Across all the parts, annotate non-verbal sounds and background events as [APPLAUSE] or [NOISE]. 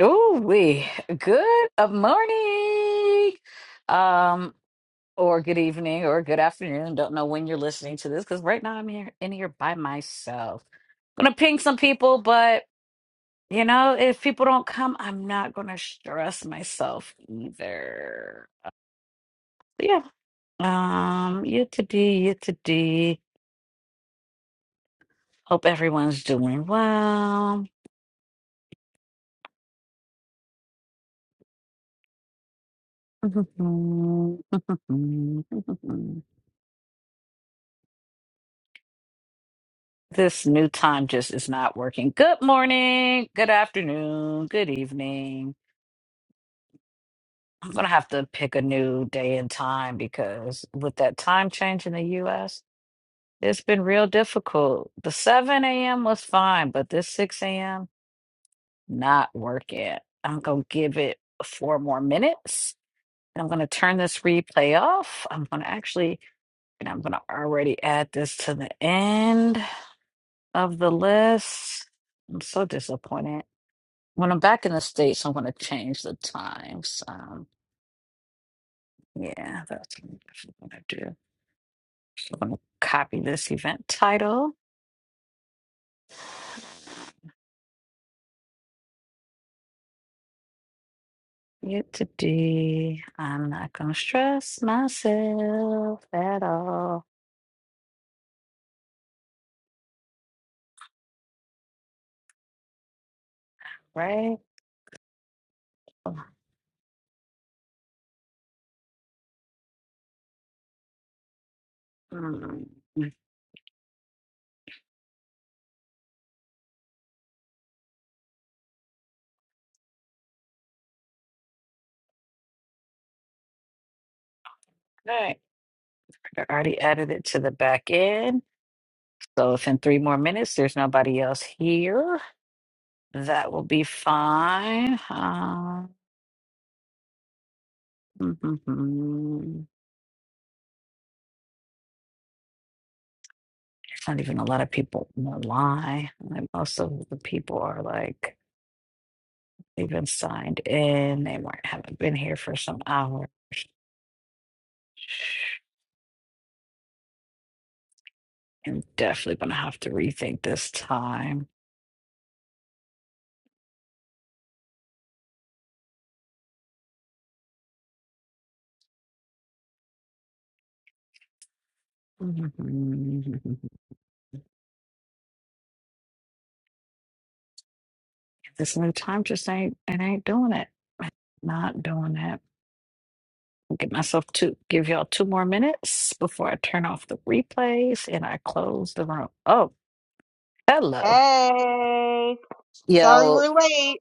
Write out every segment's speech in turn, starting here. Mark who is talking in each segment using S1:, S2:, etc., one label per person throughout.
S1: Ooh, we good of morning, um, or good evening, or good afternoon. Don't know when you're listening to this because right now I'm here in here by myself. gonna ping some people, but you know, if people don't come, I'm not gonna stress myself either. But yeah, um, you to D, you to D. Hope everyone's doing well. [LAUGHS] This new time just is not working. Good morning, good afternoon, good evening. I'm gonna have to pick a new day and time because with that time change in the US, it's been real difficult. The 7 a.m. was fine, but this 6 a.m. not working. I'm gonna give it four more minutes and I'm gonna turn this replay off. I'm gonna actually, and I'm gonna already add this to the end of the list. I'm so disappointed. When I'm back in the States, I'm going to change the times. Um, yeah, that's what I'm going to do. So I'm going to copy this event title. Yet today, I'm not going to stress myself at all, right? Mm. Okay. I already added it to the back end. So if in three more minutes there's nobody else here, that will be fine. Um, [LAUGHS] not even a lot of people know why. Like most of the people are like they've been signed in, they might haven't been here for some hour. I'm definitely gonna have to rethink this time. Mhm. this new time just ain't it ain't doing it. Not doing it. Get myself to give y'all two more minutes before I turn off the replays and I close the room. Oh, hello.
S2: Hey, sorry
S1: Yo,
S2: we're late.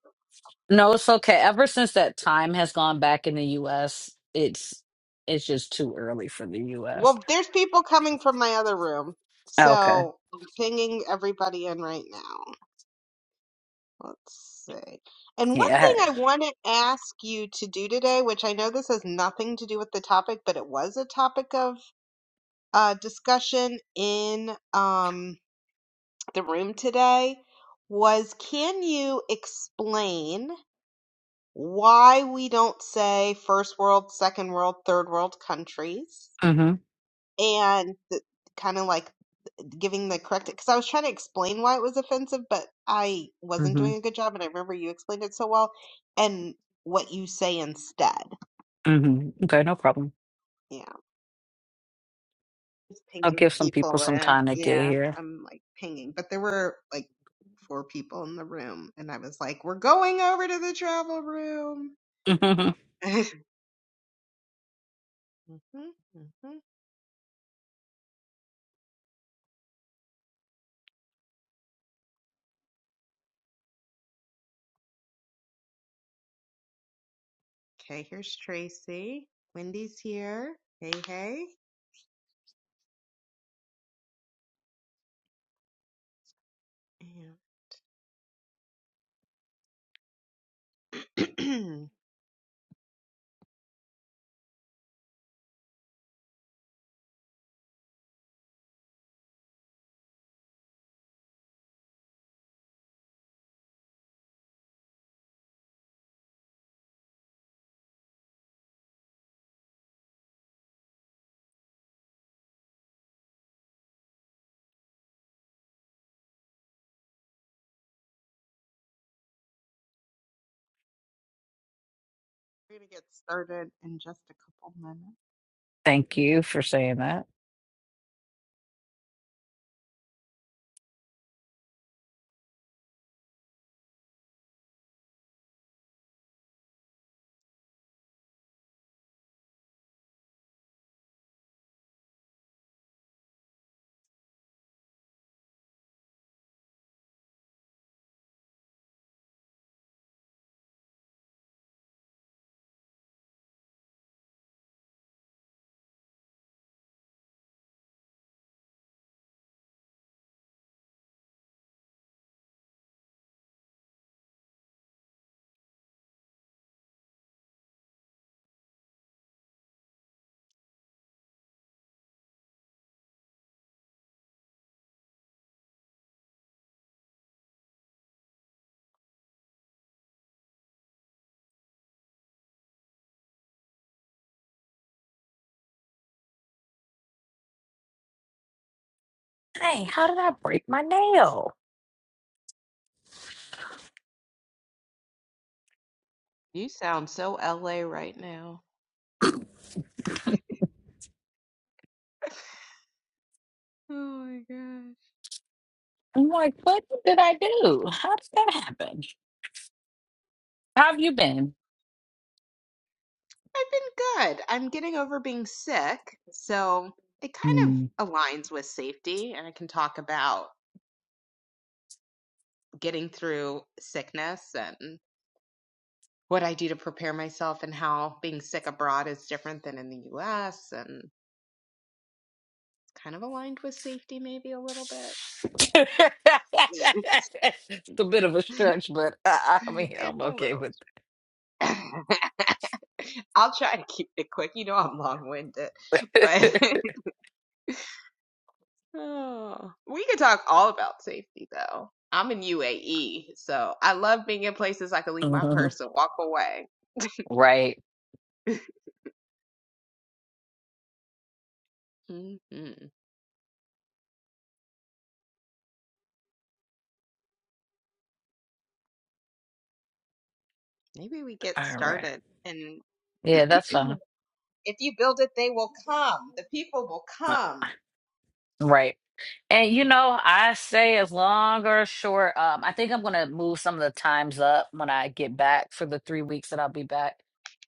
S1: No, it's okay. Ever since that time has gone back in the US, it's it's just too early for the US.
S2: Well, there's people coming from my other room,
S1: Okay.
S2: so I'm pinging everybody in right now. Let's see. And one thing
S1: Yeah.
S2: I want to ask you to do today, which I know this has nothing to do with the topic, but it was a topic of uh, discussion in um, the room today, was can you explain why we don't say first world, second world, third world countries?
S1: Mhm.
S2: and kind of like giving the correct because I was trying to explain why it was offensive, but I wasn't
S1: Mhm.
S2: doing a good job, and I remember you explained it so well, and what you say instead.
S1: Mhm. Okay, no problem.
S2: Yeah, just
S1: I'll
S2: pinging
S1: give some people
S2: people,
S1: some
S2: and
S1: time to get
S2: yeah,
S1: here.
S2: I'm like pinging, but there were like four people in the room, and I was like, "We're going over to the travel room."
S1: [LAUGHS]
S2: [LAUGHS] hmm hmm Okay, here's Tracy. Wendy's here. Hey, hey. Yeah. [CLEARS THROAT] We're gonna get started in just a couple minutes.
S1: Thank you for saying that. Hey, how did I break my nail?
S2: You sound so LA right now. [LAUGHS] Oh my gosh.
S1: I'm like, what did I do? How did that happen? How have you been?
S2: I've been good. I'm getting over being sick, so it kind
S1: Hmm.
S2: of aligns with safety, and I can talk about getting through sickness and what I do to prepare myself and how being sick abroad is different than in the US and kind of aligned with safety maybe a little bit.
S1: [LAUGHS]
S2: [LAUGHS]
S1: it's a bit of a stretch, but I, I mean,
S2: it's
S1: I'm
S2: a
S1: okay
S2: little.
S1: with
S2: [LAUGHS] I'll try to keep it quick. You know I'm long-winded,
S1: [LAUGHS]
S2: but
S1: it.
S2: [LAUGHS] Oh. we could talk all about safety though. I'm in UAE, so I love being in places I can leave my purse and walk away.
S1: Right.
S2: [LAUGHS] hmm Maybe we get
S1: All right.
S2: started, and
S1: Yeah, that's fine.
S2: [CLEARS THROAT] if you build it, they will come. The people will
S1: Uh,
S2: come.
S1: Right. And you know, I say as long or short, um, I think I'm gonna move some of the times up when I get back for the three weeks that I'll be back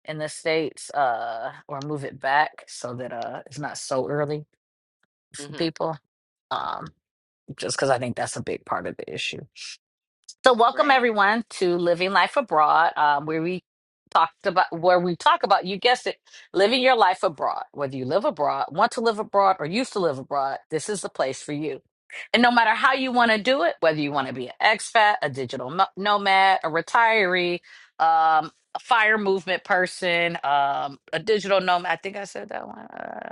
S1: in the States, uh, or move it back so that uh it's not so early for
S2: hmm
S1: people. Um, just because I think that's a big part of the issue. So, welcome
S2: Right.
S1: everyone to Living Life Abroad, um, where we talked about where we talk about you guessed it, living your life abroad. Whether you live abroad, want to live abroad, or used to live abroad, this is the place for you. And no matter how you want to do it, whether you want to be an expat, a digital no- nomad, a retiree, um, a fire movement person, um, a digital nomad. I think I said that one. uh,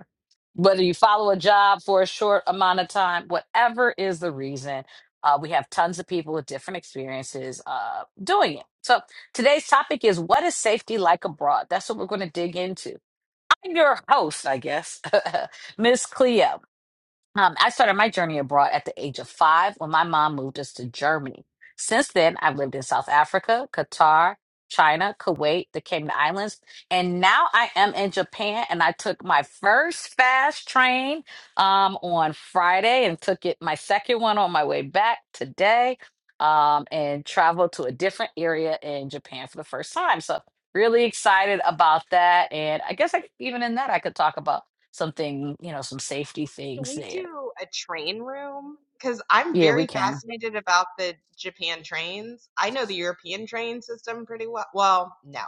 S1: whether you follow a job for a short amount of time, whatever is the reason, uh, we have tons of people with different experiences uh, doing it. So today's topic is what is safety like abroad? That's what we're going to dig into. I'm your host, I guess, [LAUGHS] Miss Cleo. Um, I started my journey abroad at the age of five when my mom moved us to Germany. Since then, I've lived in South Africa, Qatar, China, Kuwait, the Cayman Islands, and now I am in Japan. And I took my first fast train um, on Friday and took it my second one on my way back today um, and traveled to a different area in Japan for the first time. So, really excited about that. And I guess I, even in that, I could talk about something, you know, some safety
S2: Can
S1: things
S2: we
S1: there.
S2: do a train room? Because I'm
S1: Yeah, we
S2: very
S1: can.
S2: fascinated about the Japan trains. I know the European train system pretty well. Well, no.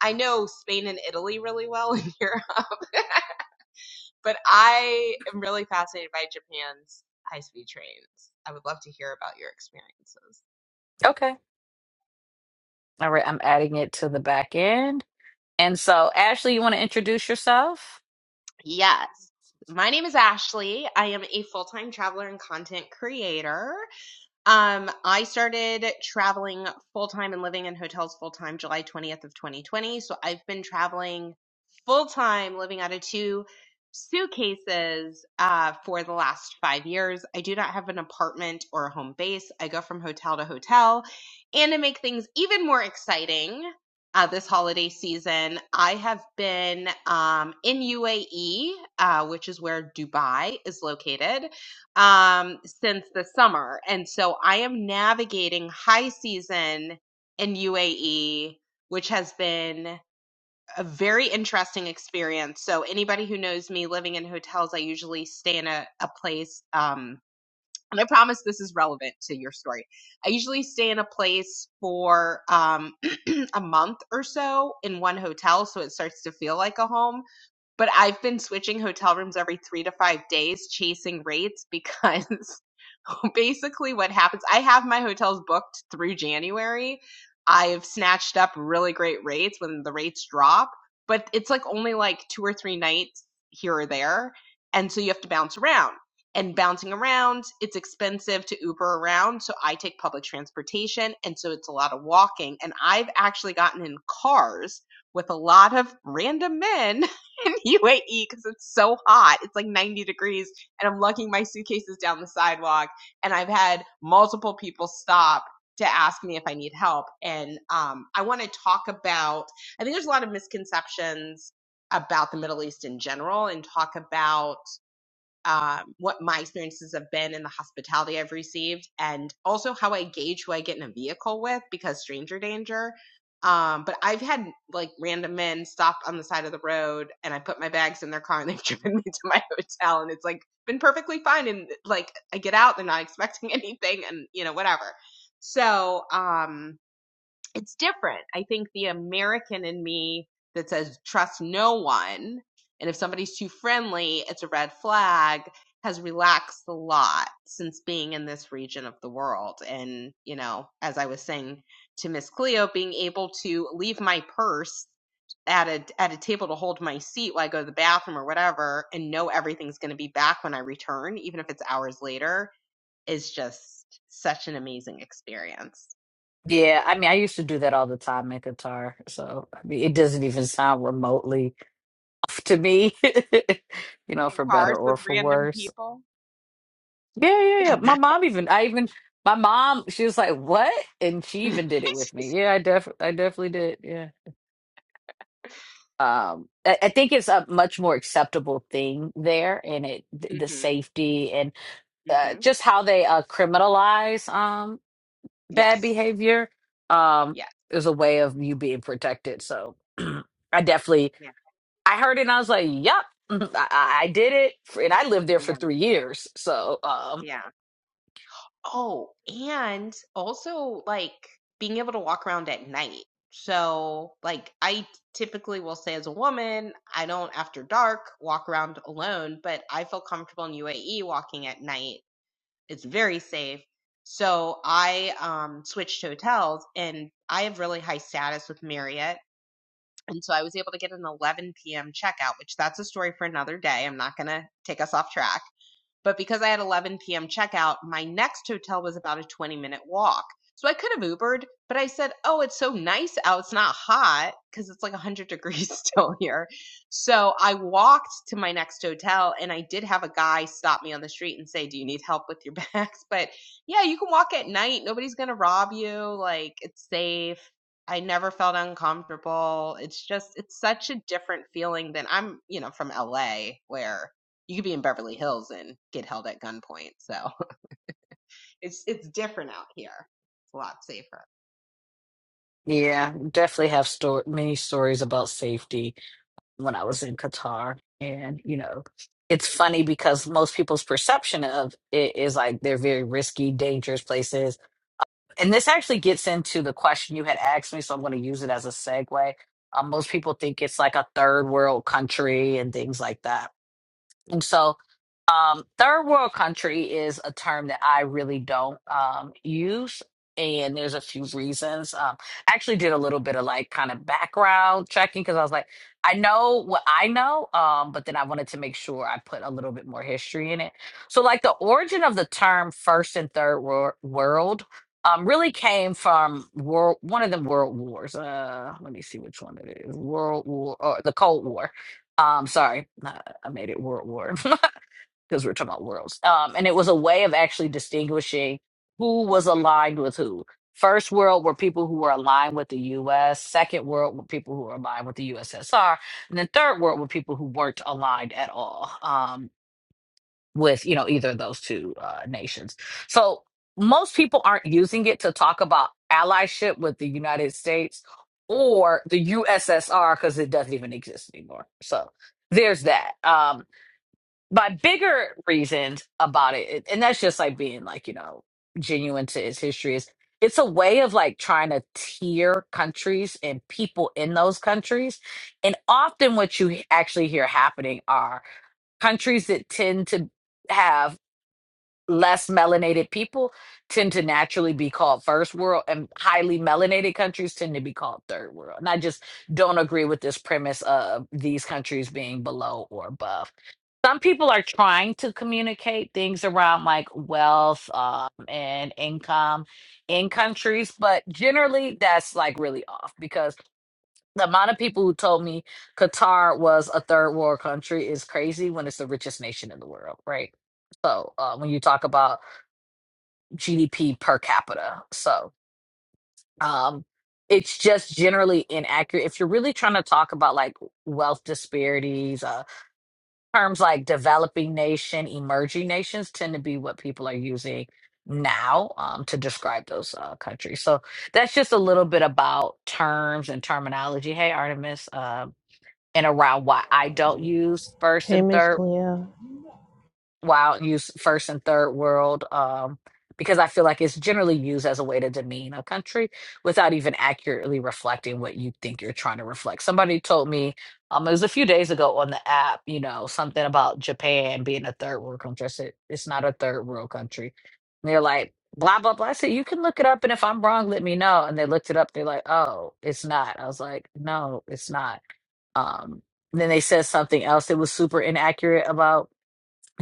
S2: I know Spain and Italy really well in Europe, [LAUGHS] but I am really fascinated by Japan's high speed trains. I would love to hear about your experiences.
S1: Okay. All right. I'm adding it to the back end. And so, Ashley, you want to introduce yourself?
S2: Yes. My name is Ashley. I am a full time traveler and content creator. Um, I started traveling full time and living in hotels full time July 20th of 2020. So I've been traveling full time, living out of two suitcases uh, for the last five years. I do not have an apartment or a home base. I go from hotel to hotel. And to make things even more exciting, uh, this holiday season, I have been um, in UAE, uh, which is where Dubai is located um since the summer and so i am navigating high season in uae which has been a very interesting experience so anybody who knows me living in hotels i usually stay in a, a place um and i promise this is relevant to your story i usually stay in a place for um [CLEARS THROAT] a month or so in one hotel so it starts to feel like a home but I've been switching hotel rooms every three to five days, chasing rates [LAUGHS] because [LAUGHS] basically what happens i have my hotels booked through january i've snatched up really great rates when the rates drop but it's like only like two or three nights here or there and so you have to bounce around and bouncing around it's expensive to uber around so i take public transportation and so it's a lot of walking and i've actually gotten in cars with a lot of random men [LAUGHS] in UAE because it's so hot. It's like 90 degrees, and I'm lugging my suitcases down the sidewalk and I've had multiple people stop to ask me if I need help. And um, I want to talk about, I think there's a lot of misconceptions about the Middle East in general and talk about um, what my experiences have been in the hospitality I've received, and also how I gauge who I get in a vehicle with because stranger danger. Um, but I've had like random men stop on the side of the road and I put my bags in their car and they've [LAUGHS] driven me to my hotel and it's like been perfectly fine. And like I get out, they're not expecting [LAUGHS] anything and you know, whatever. So, um, it's different. I think the American in me that says trust no one, and if somebody's too friendly, it's a red flag, has relaxed a lot since being in this region of the world. And, you know, as I was saying to Miss Cleo, being able to leave my purse at a at a table to hold my seat while I go to the bathroom or whatever and know everything's going to be back when I return even if it's hours later is just such an amazing experience.
S1: Yeah, I mean, I used to do that all the time in Qatar. So, I mean, it doesn't even sound remotely [LAUGHS] to me, [LAUGHS] you know,
S2: in
S1: for better
S2: cars
S1: or
S2: with
S1: for
S2: random
S1: worse.
S2: people.
S1: Yeah, yeah, yeah.
S2: [LAUGHS]
S1: My mom even, I even, my mom, she was like, what? And she
S2: hmm
S1: even did it with me. Yeah, I def, I definitely did. Yeah. um I, I think it's a much more acceptable thing there and it th- the safety and uh,
S2: hmm
S1: just how they uh criminalize um bad
S2: Yes.
S1: behavior um
S2: Yes.
S1: is a way of you being protected so [CLEARS THROAT] i definitely
S2: Yeah.
S1: i heard it and i was like yep mhm, I, I I did it for, and i lived there for
S2: Yeah.
S1: three years so um
S2: Yeah. Oh, and also like being able to walk around at night. So, like, I typically will say as a woman, I don't after dark walk around alone, but I feel comfortable in UAE walking at night. It's very safe. So I um switched hotels and I have really high status with Marriott And so I was able to get an 11 p.m. checkout, which that's a story for another day. I'm not going to take us off track. But because I had 11 p.m. checkout, my next hotel was about a 20 minute walk. So I could have Ubered, but I said, oh, it's so nice out. It's not hot because it's like 100 [LAUGHS] degrees still here. So I walked to my next hotel and I did have a guy stop me on the street and say, do you need help with your [LAUGHS] bags? But yeah, you can walk at night. Nobody's going to rob you. Like it's safe. I never felt uncomfortable. It's just, it's such a different feeling than I'm, you know, from LA where you could be in Beverly Hills and get held at gunpoint. So [LAUGHS] it's it's different out here. It's a lot safer.
S1: yeah definitely have store many stories about safety when I was in Qatar. And, you know, it's funny because most people's perception of it is like they're very risky, dangerous places. And this actually gets into the question you had asked me, so I'm going to use it as a segue. Um, most people think it's like a third world country and things like that and so, um, third world country is a term that I really don't um, use. And there's a few reasons. Um, I actually did a little bit of like kind of background checking because I was like, I know what I know, um, but then I wanted to make sure I put a little bit more history in it. So, like, the origin of the term first and third wor- world um, really came from world, one of the world wars. Uh, let me see which one it is World War or the Cold War. Um, sorry. I made it World War [LAUGHS] because we're talking about worlds. Um, and it was a way of actually distinguishing who was aligned with who. First world were people who were aligned with the U.S. Second world were people who were aligned with the USSR, and then third world were people who weren't aligned at all um, with you know either of those two uh, nations. So most people aren't using it to talk about allyship with the United States or the USSR because it doesn't even exist anymore. So there's that. Um, my bigger reason about it, and that's just like being like, you know, genuine to its history, is it's a way of like trying to tier countries and people in those countries. And often what you actually hear happening are countries that tend to have less melanated people tend to naturally be called first world and highly melanated countries tend to be called third world and i just don't agree with this premise of these countries being below or above some people are trying to communicate things around like wealth um, and income in countries, but generally that's like really off because the amount of people who told me Qatar was a third world country is crazy when it's the richest nation in the world, right? So uh, when you talk about GDP per capita, so um, it's just generally inaccurate. If you're really trying to talk about like wealth disparities, uh. terms like developing nation, emerging nations tend to be what people are using now um, to describe those uh, countries. So that's just a little bit about terms and terminology. Hey, Artemis, um, and around why I don't use first
S3: Hey,
S1: and
S3: Miss
S1: third
S3: Cleo.
S1: while use first and third world um, because I feel like it's generally used as a way to demean a country without even accurately reflecting what you think you're trying to reflect. Somebody told me um, it was a few days ago on the app, you know, something about Japan being a third world country. I said, it's not a third world country. And they're like, blah, blah, blah. I said, you can look it up. And if I'm wrong, let me know. And they looked it up. They're like, oh, it's not. I was like, no, it's not. Um, then they said something else that was super inaccurate about.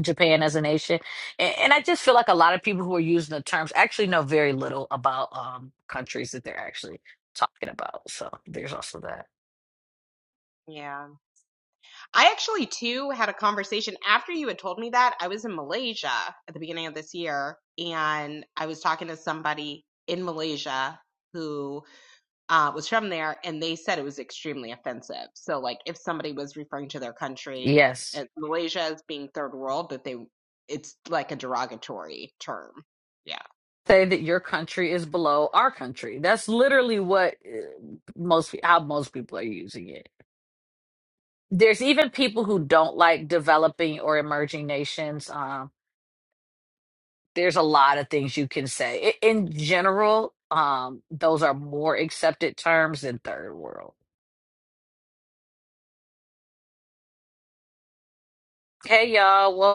S1: Japan as a nation. And, and I just feel like a lot of people who are using the terms actually know very little about um, countries that they're actually talking about. So there's also that.
S2: Yeah. I actually too had a conversation after you had told me that. I was in Malaysia at the beginning of this year and I was talking to somebody in Malaysia who uh, was from there and they said it was extremely offensive. So like if somebody was referring to their country
S1: Yes.
S2: and Malaysia as being third world that they it's like a derogatory term. Yeah.
S1: Say that your country is below our country. That's literally what uh, most pe- how most people are using it. There's even people who don't like developing or emerging nations. Um, there's a lot of things you can say. I- In general, um, those are more accepted terms than third world. Hey y'all, well.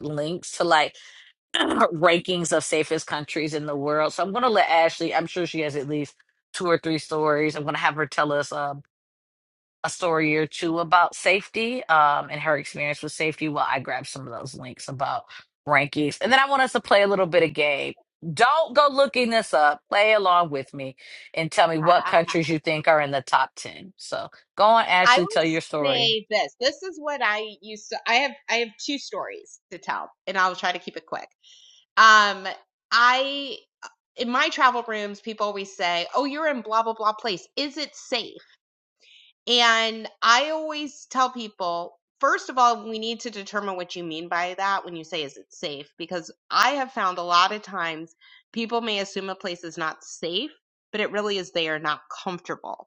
S1: links to like [CLEARS THROAT] rankings of safest countries in the world. So I'm going to let Ashley, I'm sure she has at least two or three stories. I'm going to have her tell us um, a story or two about safety um, and her experience with safety while I grab some of those links about rankings. And then I want us to play a little bit of game. Don't go looking this up. Play along with me and tell me what
S2: [LAUGHS]
S1: countries you think are in the top 10. So go on,
S2: I
S1: Ashley,
S2: would
S1: tell your story.
S2: say this. This is what I used to I have I have two stories to tell and I'll try to keep it quick. Um I in my travel rooms people always say, "Oh, you're in blah blah blah place. Is it safe?" And I always tell people First of all, we need to determine what you mean by that when you say is it safe because I have found a lot of times people may assume a place is not safe, but it really is they are not comfortable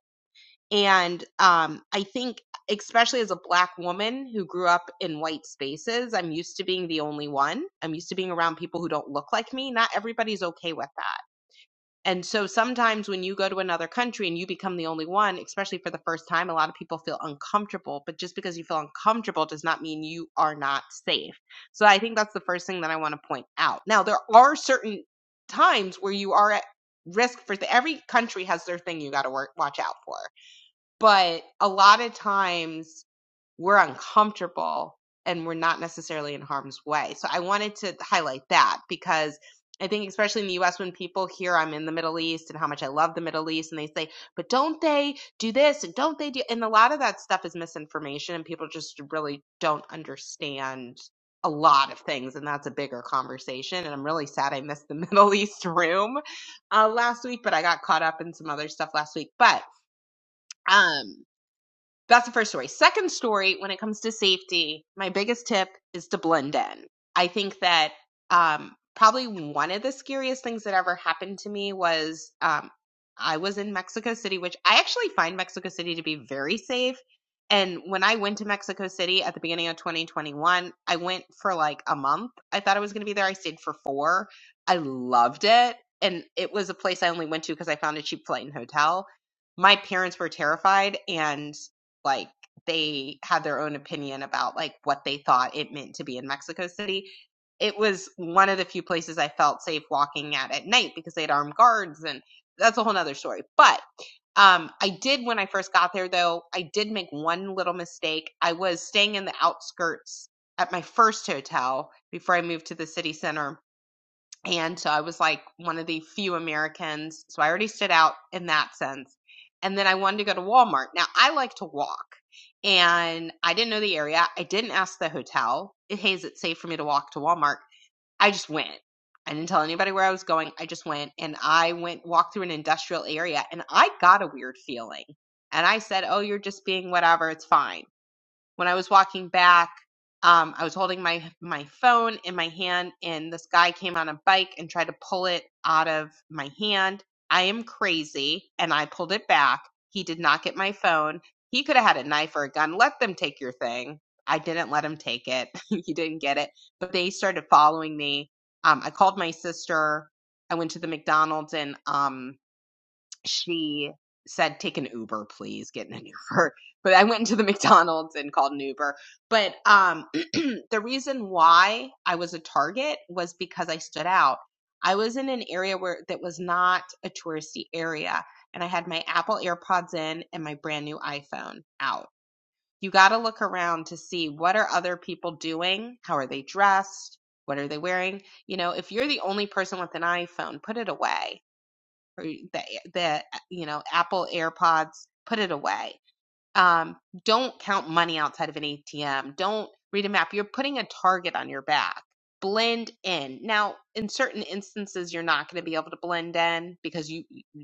S2: and um, I think, especially as a black woman who grew up in white spaces, I'm used to being the only one. I'm used to being around people who don't look like me. Not everybody's okay with that. And so sometimes when you go to another country and you become the only one, especially for the first time, a lot of people feel uncomfortable. But just because you feel uncomfortable does not mean you are not safe. So I think that's the first thing that I want to point out. Now, there are certain times where you are at risk for th- every country has their thing you got to work watch out for but a lot of times we're uncomfortable and we're not necessarily in harm's way. So I wanted to highlight that because I think especially in the US when people hear I'm in the Middle East and how much I love the Middle East and they say, "But don't they do this and don't they do?" and a lot of that stuff is misinformation and people just really don't understand a lot of things and that's a bigger conversation and I'm really sad I missed the [LAUGHS] Middle East room uh, last week, but I got caught up in some other stuff last week. But um that's the first story. Second story, when it comes to safety, my biggest tip is to blend in. I think that um, probably one of the scariest things that ever happened to me was um, I was in Mexico City, which I actually find Mexico City to be very safe. And when I went to Mexico City at the beginning of 2021, I went for like a month. I thought I was going to be there. I stayed for four. I loved it. And it was a place I only went to because I found a cheap flight and hotel. My parents were terrified and like they had their own opinion about like what they thought it meant to be in Mexico City. It was one of the few places I felt safe walking at at night because they had armed guards and that's a whole nother story. But um, I did when I first got there though, I did make one little mistake. I was staying in the outskirts at my first hotel before I moved to the city center and so I was like one of the few Americans. So I already stood out in that sense. And then I wanted to go to Walmart. Now I like to walk and I didn't know the area. I didn't ask the hotel, hey, is it safe for me to walk to Walmart? I just went. I didn't tell anybody where I was going. I just went and I went walked through an industrial area and I got a weird feeling. And I said, oh, you're just being whatever. It's fine when I was walking back, um, I was holding my my phone in my hand, and this guy came on a bike and tried to pull it out of my hand. I am crazy, and I pulled it back. He did not get my phone. He could have had a knife or a gun. Let them take your thing. I didn't let him take it. [LAUGHS] he didn't get it. But they started following me. Um, I called my sister. I went to the McDonald's and um, she said, "Take an Uber, please. Get in an Uber." [LAUGHS] But I went into the [LAUGHS] McDonald's and called an Uber. But um, [CLEARS THROAT] the reason why I was a target was because I stood out. I was in an area where that was not a touristy area, and I had my Apple AirPods in and my brand new iPhone out. You got to look around to see what are other people doing, how are they dressed, what are they wearing. You know, if you're the only person with an iPhone, put it away or the the you know Apple AirPods, put it away um, don't count money outside of an ATM. Don't read a map. You're putting a target on your back. Blend in. Now, in certain instances, you're not going to be able to blend in because you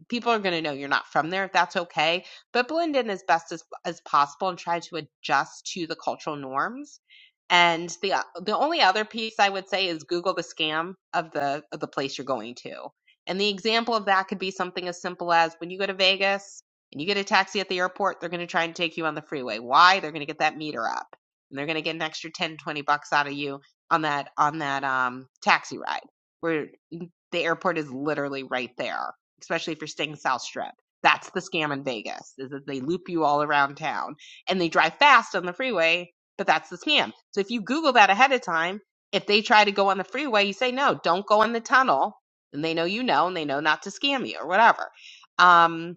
S2: people are going to know you're not from there. That's okay, but blend in as best as, as possible and try to adjust to the cultural norms. And the the only other piece I would say is Google the scam of the of the place you're going to. And the example of that could be something as simple as when you go to Vegas and you get a taxi at the airport, they're going to try and take you on the freeway. Why? They're going to get that meter up and they're going to get an extra 10, 20 bucks out of you on that, on that, um, taxi ride where the airport is literally right there, especially if you're staying South Strip. That's the scam in Vegas is that they loop you all around town and they drive fast on the freeway, but that's the scam. So if you Google that ahead of time, if they try to go on the freeway, you say, no, don't go in the tunnel. And they know you know, and they know not to scam you or whatever. Um,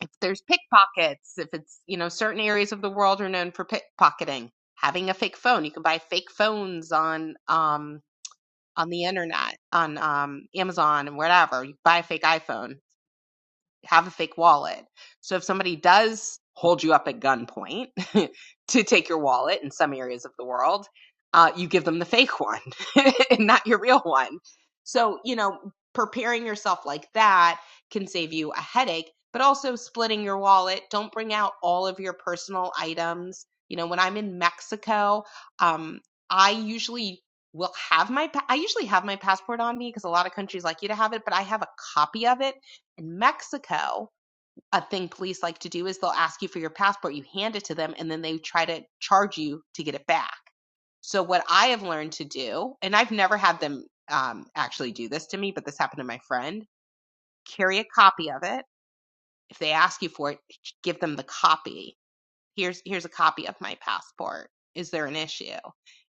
S2: if there's pickpockets, if it's, you know, certain areas of the world are known for pickpocketing, having a fake phone, you can buy fake phones on um on the internet, on um Amazon and whatever. You buy a fake iPhone have a fake wallet. So if somebody does hold you up at gunpoint [LAUGHS] to take your wallet in some areas of the world, uh, you give them the fake one [LAUGHS] and not your real one. So, you know, preparing yourself like that can save you a headache, but also splitting your wallet. Don't bring out all of your personal items. You know, when I'm in Mexico, um, I usually will have my I usually have my passport on me because a lot of countries like you to have it, but I have a copy of it in Mexico, a thing police like to do is they'll ask you for your passport, you hand it to them, and then they try to charge you to get it back. So, what I have learned to do, and I've never had them um, actually do this to me, but this happened to my friend carry a copy of it. If they ask you for it, give them the copy here's here's a copy of my passport is there an issue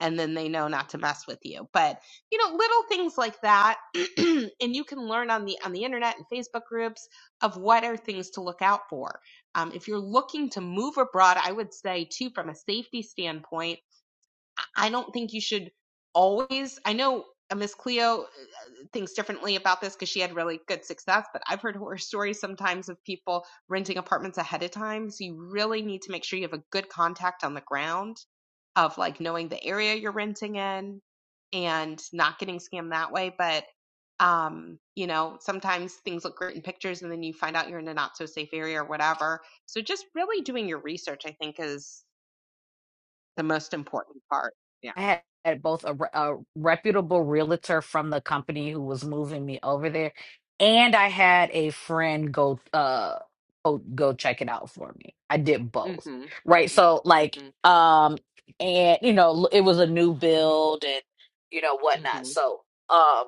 S2: and then they know not to mess with you but you know little things like that [CLEARS THROAT] and you can learn on the on the internet and facebook groups of what are things to look out for um, if you're looking to move abroad i would say too from a safety standpoint I don't think you should always. I know uh, Miss Cleo uh, thinks differently about this because she had really good success, but I've heard horror [LAUGHS] stories sometimes of people renting apartments ahead of time. So you really need to make sure you have a good contact on the ground of like knowing the area you're renting in and not getting scammed that way. But um, you know, sometimes things look great in pictures and then you find out you're in a not so safe area or whatever. So just really doing your research, I think, is the most important part. Yeah.
S1: I had had both a, re- a reputable realtor from the company who was moving me over there, and I had a friend go uh go, go check it out for me. I did
S2: Mhm,
S1: both, right?
S2: mhm,
S1: So like
S2: mhm,
S1: um and you know l- it was a new build and you know whatnot.
S2: mhm,
S1: So um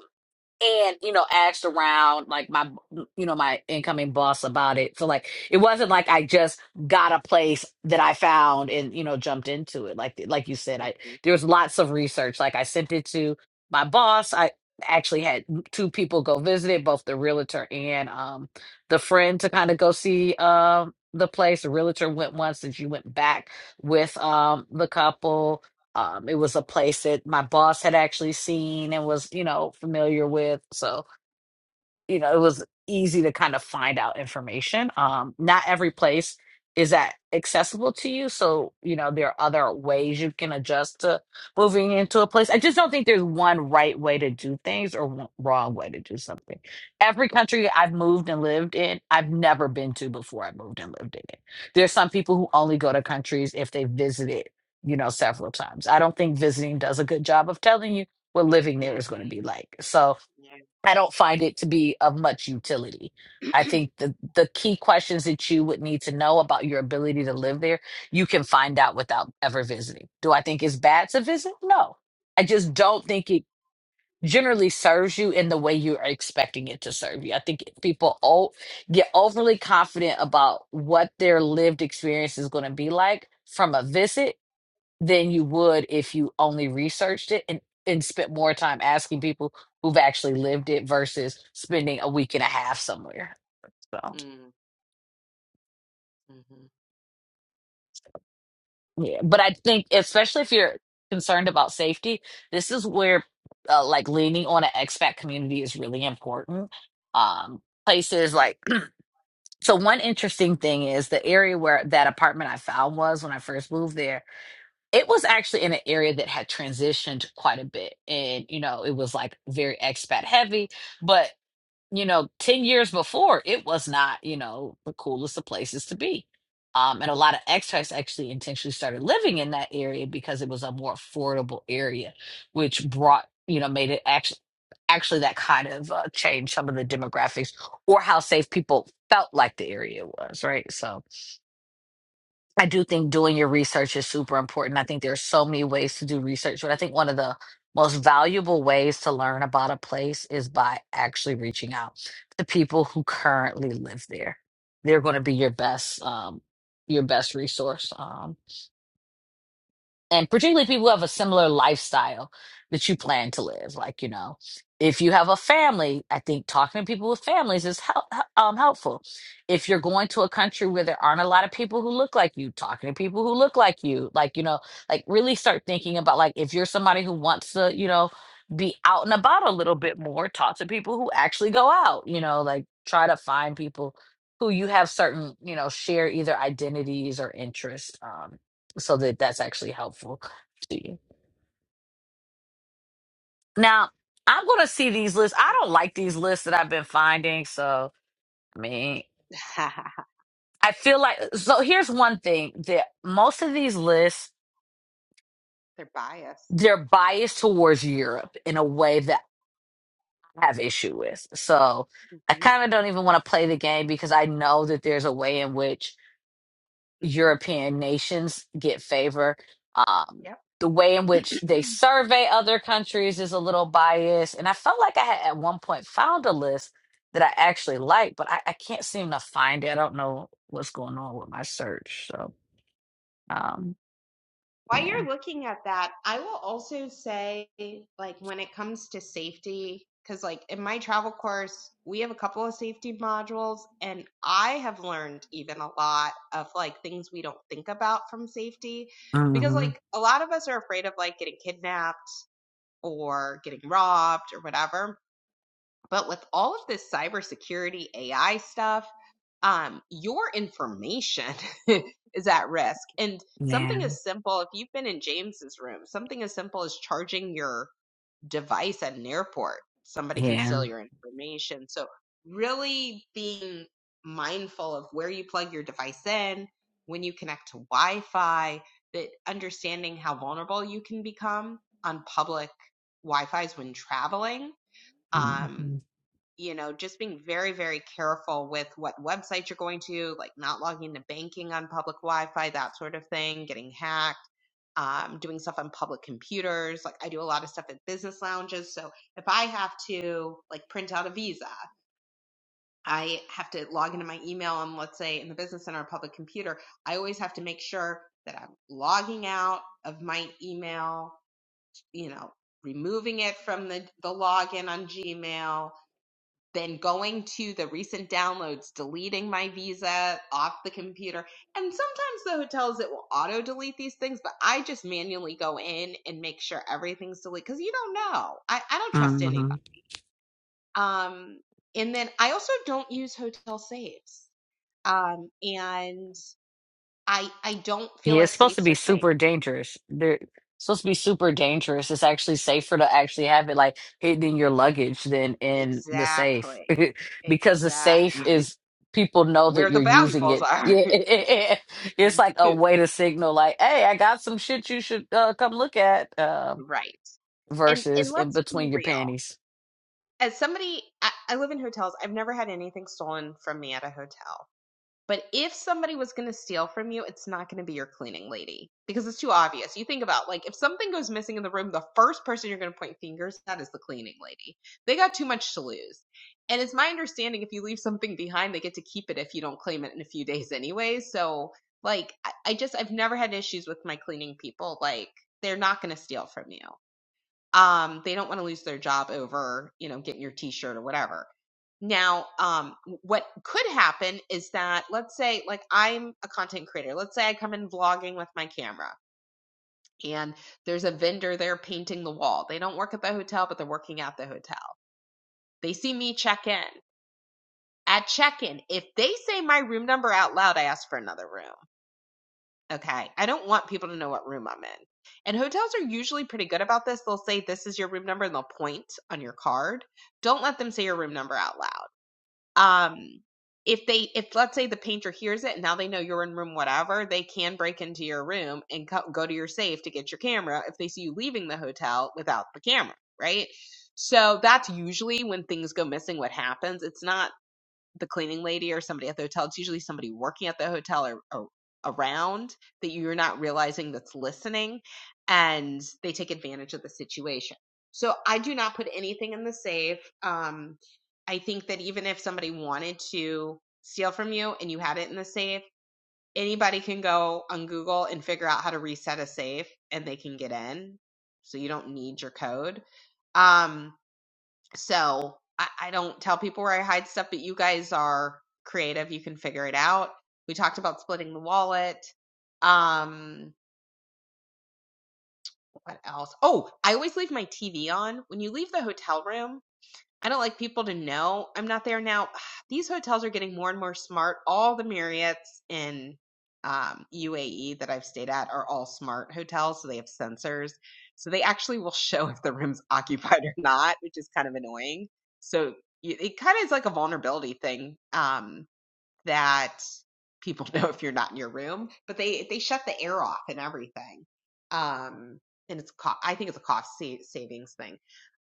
S1: and you know asked around like my you know my incoming boss about it so like it wasn't like i just got a place that i found and you know jumped into it like like you said i
S2: mhm,
S1: there was lots of research like i sent it to my boss i actually had two people go visit it both the realtor and um the friend to kind of go see um the place the realtor went once and she went back with um the couple um, it was a place that my boss had actually seen and was, you know, familiar with. So you know, it was easy to kind of find out information. Um, not every place is that accessible to you. So, you know, there are other ways you can adjust to moving into a place. I just don't think there's one right way to do things or one wrong way to do something. Every country I've moved and lived in, I've never been to before I moved and lived in it. There's some people who only go to countries if they visited, you know, several times. I don't think visiting does a good job of telling you what living there is going to
S2: mhm,
S1: be like. So,
S2: yeah,
S1: I don't find it to be of much utility. I think the the key questions that you would need to know about your ability to live there, you can find out without ever visiting. Do I think it's bad to visit? No. I just don't think it generally serves you in the way you are expecting it to serve you. I think people o- get overly confident about what their lived experience is going to be like from a visit than you would if you only researched it and, and spent more time asking people who've actually lived it versus spending a week and a half somewhere. So,
S2: mm, mhm,
S1: yeah. But I think, especially if you're concerned about safety, this is where uh, like leaning on an expat community is really important. Um, places
S2: mhm.
S1: like, [CLEARS THROAT] so one interesting thing is the area where that apartment I found was when I first moved there it was actually in an area that had transitioned quite a bit and you know it was like very expat heavy but you know 10 years before it was not you know the coolest of places to be um, and a lot of expats actually intentionally started living in that area because it was a more affordable area which brought you know made it actually actually that kind of uh, change some of the demographics or how safe people felt like the area was right so I do think doing your research is super important. I think there are so many ways to do research, but I think one of the most valuable ways to learn about a place is by actually reaching out to people who currently live there. They're going to be your best, um, your best resource. Um, and particularly people who have a similar lifestyle that you plan to live like you know if you have a family i think talking to people with families is hel- h- um, helpful if you're going to a country where there aren't a lot of people who look like you talking to people who look like you like you know like really start thinking about like if you're somebody who wants to you know be out and about a little bit more talk to people who actually go out you know like try to find people who you have certain you know share either identities or interests Um, so that that's actually helpful to you. Now, I'm going to see these lists. I
S2: Lovely.
S1: don't like these lists that I've been finding. So, I mean,
S2: [LAUGHS]
S1: I feel like, uh, so here's one thing that most of these lists,
S2: They're biased.
S1: they're biased towards Europe in a way that I have issue with. So, I
S2: Mhm,
S1: kind of don't even want to play the game because I know that there's a way in which
S2: mhm.
S1: European nations get favor. Um,
S2: Yep.
S1: the way in which they survey other countries is a little biased. And I felt like I had at one point found a list that I actually liked, but I, I can't seem to find it. I don't know what's going on with my search. So, um,
S2: While
S1: yeah.
S2: you're looking at that, I will also say, like, when it comes to safety, because, like, in my travel course, we have a couple of safety modules, and I have learned even a lot of, like, things we don't think about from safety. Because,
S1: hmm
S2: like, a lot of us are afraid of, like, getting kidnapped. or getting robbed or whatever. But with all of this cybersecurity AI stuff, um, your information [LAUGHS] is at risk. And
S1: Yeah.
S2: something as simple, if you've been in James's room, something as simple as charging your device at an airport. Somebody can
S1: Yeah.
S2: steal your information. So really being mindful of where you plug your device in, when you connect to Wi-Fi, that understanding how vulnerable you can become on public Wi-Fi's when traveling. Um,
S1: hmm
S2: you know, just being very, very careful with what websites you're going to, like not logging into banking on public Wi Fi, that sort of thing, getting hacked, um, doing stuff on public computers. Like I do a lot of stuff at business lounges. So if I have to like print out a visa, I have to log into my email on, let's say, in the business center or public computer. I always have to make sure that I'm logging out of my email, you know, removing it from the, the login on Gmail, then going to the recent downloads, deleting my visa off the computer. And sometimes the hotels it will auto delete these things, but I just manually go in and make sure everything's deleted because you don't know. I, I don't trust
S1: hmm
S2: anybody. Um, and then I also don't use hotel safes, Um, and I I don't feel
S1: Yeah, it's
S2: like
S1: supposed to
S2: safes
S1: be
S2: are safe.
S1: super dangerous. They're supposed to be super dangerous. It's actually safer to actually have it like hidden in your luggage than in the safe
S2: Exactly.
S1: [LAUGHS] because the safe
S2: Exactly.
S1: is people
S2: [LAUGHS]
S1: know that
S2: Where
S1: you're
S2: the
S1: using
S2: valuables
S1: it. [LAUGHS]
S2: are.
S1: Yeah, it- it- it- It's like
S2: [LAUGHS]
S1: a way to signal like, "Hey, I got some shit you should uh, come look at." Um
S2: right. And
S1: versus
S2: and
S1: in
S2: let's be
S1: between your
S2: real.
S1: panties.
S2: as somebody I, I live in hotels i've never had anything stolen from me at a hotel but if somebody was going to steal from you it's not going to be your cleaning lady because it's too obvious you think about like if something goes missing in the room the first person you're going to point fingers at is the cleaning lady they got too much to lose and it's my understanding if you leave something behind they get to keep it if you don't claim it in a few days anyway so like i, I just i've never had issues with my cleaning people like they're not going to steal from you um they don't want to lose their job over you know getting your t-shirt or whatever now um what could happen is that let's say like i'm a content creator let's say i come in vlogging with my camera and there's a vendor there painting the wall they don't work at the hotel but they're working at the hotel they see me check in at check in if they say my room number out loud i ask for another room Okay. I don't want people to know what room I'm in. And hotels are usually pretty good about this. They'll say this is your room number and they'll point on your card. Don't let them say your room number out loud. Um if they if let's say the painter hears it and now they know you're in room whatever, they can break into your room and co- go to your safe to get your camera if they see you leaving the hotel without the camera, right? So that's usually when things go missing what happens. It's not the cleaning lady or somebody at the hotel. It's usually somebody working at the hotel or, or around that you're not realizing that's listening and they take advantage of the situation. So I do not put anything in the safe. Um, I think that even if somebody wanted to steal from you and you had it in the safe, anybody can go on Google and figure out how to reset a safe and they can get in. So you don't need your code. Um, so I, I don't tell people where I hide stuff, but you guys are creative. You can figure it out. We talked about splitting the wallet. Um, what else? Oh, I always leave my TV on. When you leave the hotel room, I don't like people to know I'm not there now. [SIGHS] These hotels are getting more and more smart. All the Marriotts in um, UAE that I've stayed at are all smart hotels, so they have sensors, so they actually will [LAUGHS] show if the room's [LAUGHS] occupied or not, which is kind of annoying. So y- it kind of is like a vulnerability thing. Um, that people [LAUGHS] know if you're not in your room, but they they shut the air off and everything. Um, and it's co- I think it's a cost sa- savings thing.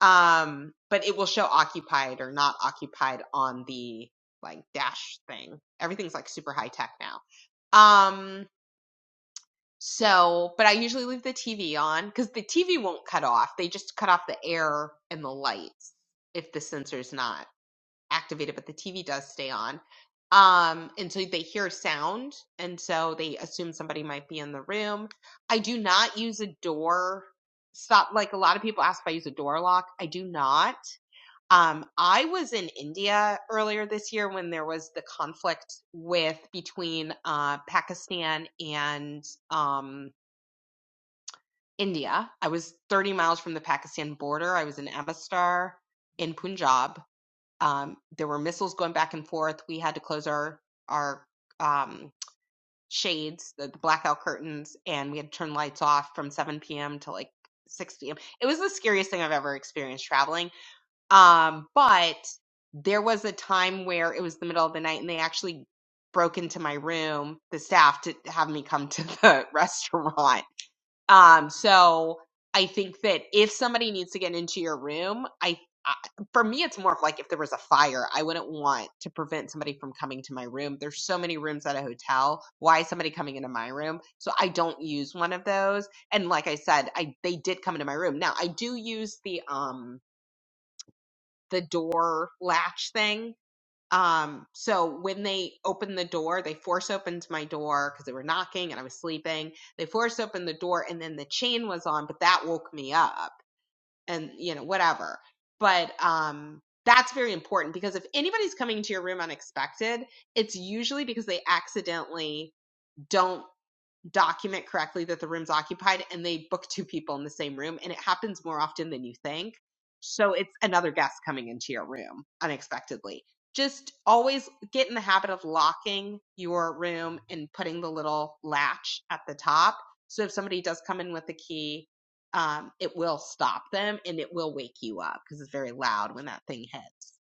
S2: Um, but it will show occupied or not occupied on the like dash thing. Everything's like super high tech now. Um, so, but I usually leave the TV on because the TV won't cut off. They just cut off the air and the lights if the sensor's not activated, but the TV does stay on. Um, and so they hear sound, and so they assume somebody might be in the room. I do not use a door stop. Like a lot of people ask if I use a door lock. I do not. Um, I was in India earlier this year when there was the conflict with between uh, Pakistan and um, India. I was 30 miles from the Pakistan border. I was in Avastar in Punjab um, there were missiles going back and forth. We had to close our our um, shades, the, the blackout curtains, and we had to turn lights off from 7 p.m. to like 6 p.m. It was the scariest thing I've ever experienced traveling. Um, but there was a time where it was the middle of the night, and they actually broke into my room, the staff, to have me come to the [LAUGHS] restaurant um, so I think that if somebody needs to get into your room, I, I for me it's more of like if there was a fire, I wouldn't want to prevent somebody from coming to my room. There's so many rooms at a hotel. Why is somebody coming into my room? So I don't use one of those. And like I said, I they did come into my room. Now I do use the um the door latch thing um, so when they opened the door, they force opened my door because they were knocking and I was sleeping. They force opened the door and then the chain was on, but that woke me up and you know, whatever. But um that's very important because if anybody's coming to your room unexpected, it's usually because they accidentally don't document correctly that the room's occupied and they book two people in the same room and it happens more often than you think. So it's another guest coming into your room unexpectedly. Just always get in the habit of locking your room and putting the little latch at the top. So if somebody does come in with a key, um, it will stop them and it will wake you up because it's very loud when that thing hits.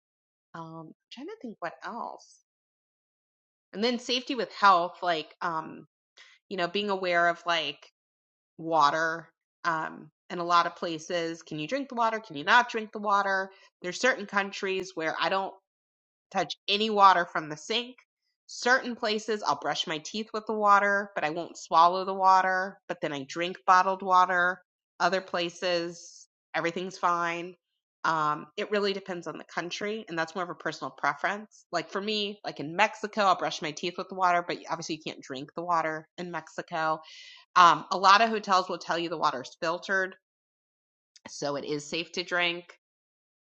S2: Um, I'm trying to think what else. And then safety with health, like um, you know, being aware of like water. Um, in a lot of places, can you drink the water? Can you not drink the water? There's certain countries where I don't touch any water from the sink. Certain places I'll brush my teeth with the water, but I won't swallow the water, but then I drink bottled water. Other places, everything's fine. Um, it really depends on the country, and that's more of a personal preference. Like for me, like in Mexico, I'll brush my teeth with the water, but obviously you can't drink the water in Mexico um, a lot of hotels will tell you the water's filtered, so it is safe to drink.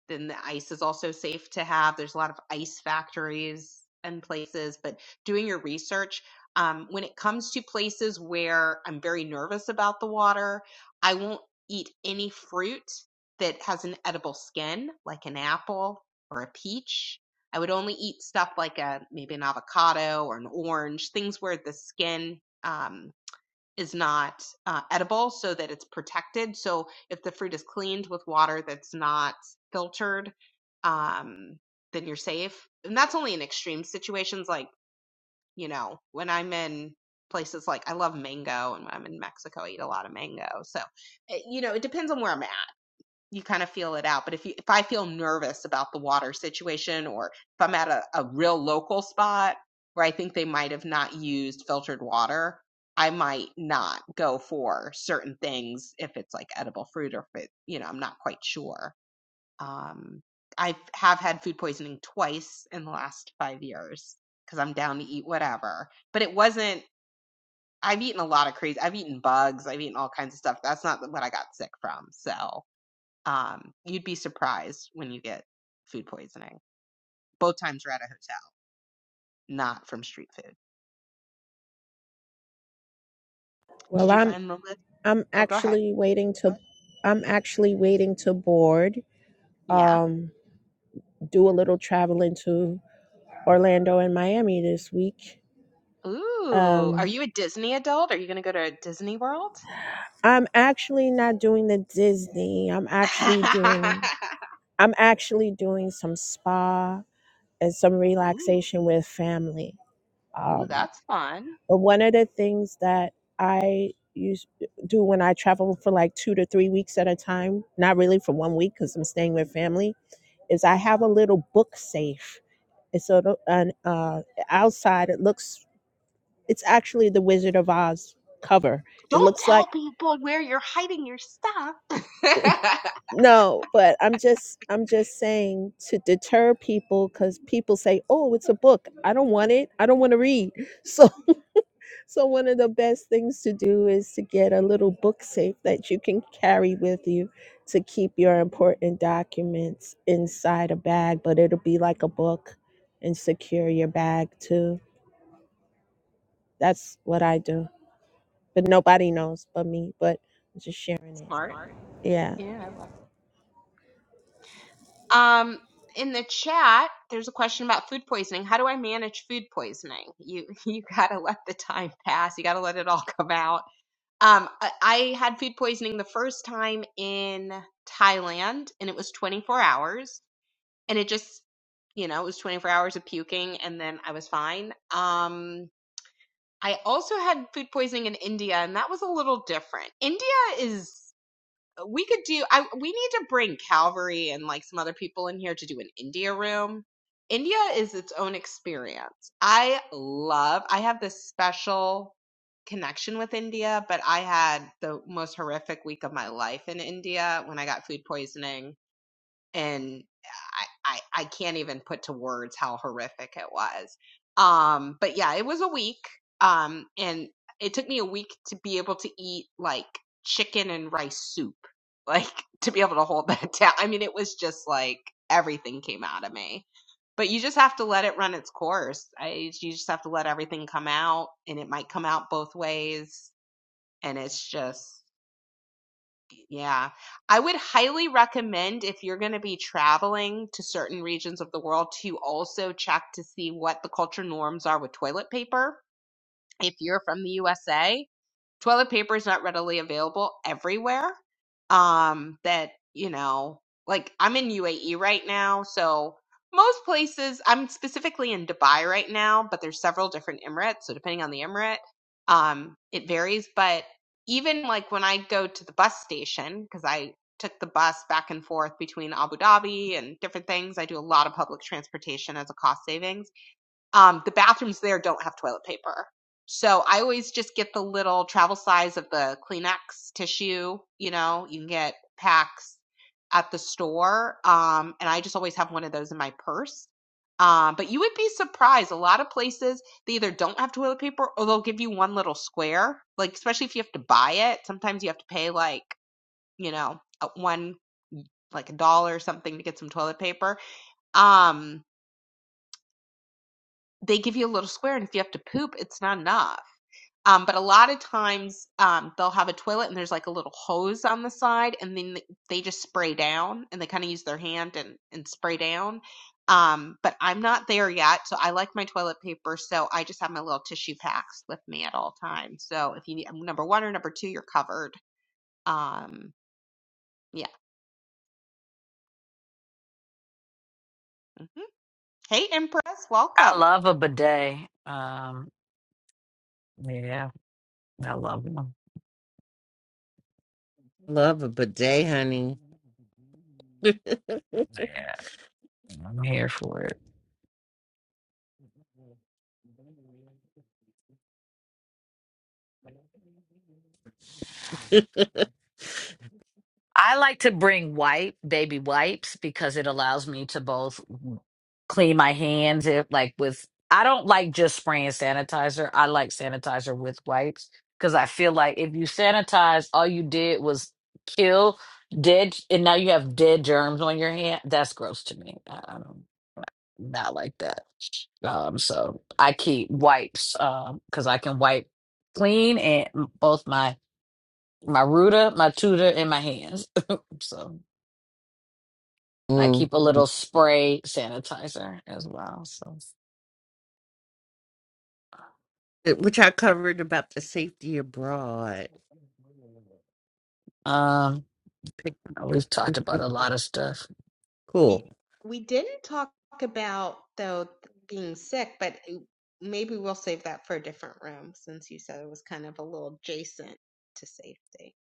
S2: Then the ice is also safe to have. There's a lot of ice factories and places, but doing your research. Um, when it comes to places where I'm very nervous about the water, I won't eat any fruit that has an edible skin, like an apple or a peach. I would only eat stuff like a maybe an avocado or an orange, things where the skin um, is not uh, edible so that it's protected. So if the fruit is cleaned with water that's not filtered, um, then you're safe. And that's only in extreme situations, like, you know, when I'm in places like I love mango, and when I'm in Mexico, I eat a lot of mango. So, eh, you know, it depends on where I'm at you kind of feel it out. But if you, if I feel nervous about the water situation, or if I'm at a, a real local spot where I think they might have not used filtered water, I might not go for certain things if it's like edible fruit or if it, you know, I'm not quite sure. Um, I have had food poisoning twice in the last five years because I'm down to eat whatever. But it wasn't. I've eaten a lot of crazy. I've eaten bugs. I've eaten all kinds of stuff. That's not what I got sick from. So um, you'd be surprised when you get food poisoning. Both times we're at a hotel, not from street food. Did
S3: Well,
S2: you
S3: I'm
S2: find the list?
S3: I'm
S2: Oh, go ahead.
S3: actually waiting to I'm actually waiting to board.
S2: Yeah.
S3: Um, do a little traveling to Orlando and Miami this week.
S2: Ooh, are
S3: Um,
S2: you a Disney adult? Are you going to go to Disney World?
S3: I'm actually not doing the Disney. I'm
S2: [LAUGHS]
S3: actually doing I'm actually doing some spa and some
S2: ooh,
S3: relaxation with family.
S2: ooh,
S3: Um.
S2: that's fun.
S3: But one of the things that I use do when I travel for like two to three weeks at a time, not really for one week because I'm staying with family, is I have a little book safe. It's sort of an uh, outside. It looks. It's actually the Wizard of Oz cover. It
S2: Don't
S3: looks like
S2: tell people where you're hiding your stuff. [LAUGHS]
S3: no, but I'm just I'm just saying to deter people because people say, "Oh, it's a book. I don't want it. I don't want to read." [LAUGHS] So. So, one of the best things to do is to get a little book safe that you can carry with you to keep your important documents inside a bag, but it'll be like a book and secure your bag too. That's what I do. But nobody knows but me, but I'm just sharing it.
S2: Smart.
S3: Yeah.
S2: Yeah, I love Um, in the chat, there's a question about food poisoning. How do I manage food poisoning? You [LAUGHS] you gotta let the time pass. You gotta let it all come out. Um, I, I had food poisoning the first time in Thailand, and it was 24 hours, and it just, you know, it was 24 hours of puking, and then I was fine. Um, I also had food poisoning in India, and that was a little different. India is we could do I we need to bring Calvary and like some other people in here to do an India room. India is its own experience. I love I have this special connection with India, but I had the most horrific week of my life in India when I got food poisoning and I, I I can't even put to words how horrific it was. Um, but yeah, it was a week. Um, and it took me a week to be able to eat like chicken and rice soup, [LAUGHS] like to be able to hold that [LAUGHS] down. I mean, it was just like everything came out of me. But you just have to let it run its course. I, you just have to let everything come out, and it might come out both ways. And it's just yeah. I would highly recommend if you're going to be traveling to certain regions of the world to also check to see what the culture norms are with toilet paper if you're from the USA toilet paper is not readily available everywhere. Um, that, you know, like I'm in UAE right now, so most places, I'm specifically in Dubai right now, but there's several different Emirates, so depending on the Emirate, um, it varies. But even like when I go to the bus station, because I took the bus back and forth between Abu Dhabi and different things, I do a lot of public transportation as a cost savings um, the bathrooms there don't have toilet paper. So I always just get the little travel size of the Kleenex tissue, you know, you can get packs at the store. Um, and I just always have one of those in my purse. Um, but you would be surprised. A lot of places, they either don't have toilet paper or they'll give you one little square. Like, especially if you have to buy it, sometimes you have to pay like, you know, one, like a dollar or something to get some toilet paper. Um, they give you a little square and if you have to poop it's not enough Um, but a lot of times um, they'll have a toilet and there's like a little hose on the side, and then th- they just spray down and they kind of use their hand and, and spray down. Um, but I'm not there yet, so I like my toilet paper, so I just have my little tissue packs with me at all times. So if you need number one or number two, you're covered. Um, yeah. hmm Hey, Empress, welcome.
S1: I love a bidet. Um, yeah, I love them.
S4: Love a bidet, honey.
S1: [LAUGHS] I'm here for it. I like to bring wipe baby wipes because it allows me to both clean my hands if like with I don't like just spraying sanitizer. I like sanitizer with wipes because I feel like if you sanitize, all you did was kill dead, and now you have dead germs on your hand. That's gross to me. I, I don't not like that. Um, so I keep wipes because I can wipe clean and m- both my my Ruta, my tutor, and my hands. [LAUGHS] so I
S4: Mm.
S1: keep a little spray sanitizer as well. So
S4: It- Which I covered about the safety abroad.
S1: um,
S4: Pick-
S1: we've talked about a lot of stuff.
S4: Cool.
S2: We we didn't talk about though being sick, but eh, maybe we'll save that for a different room since you said it was kind of a little adjacent to safety,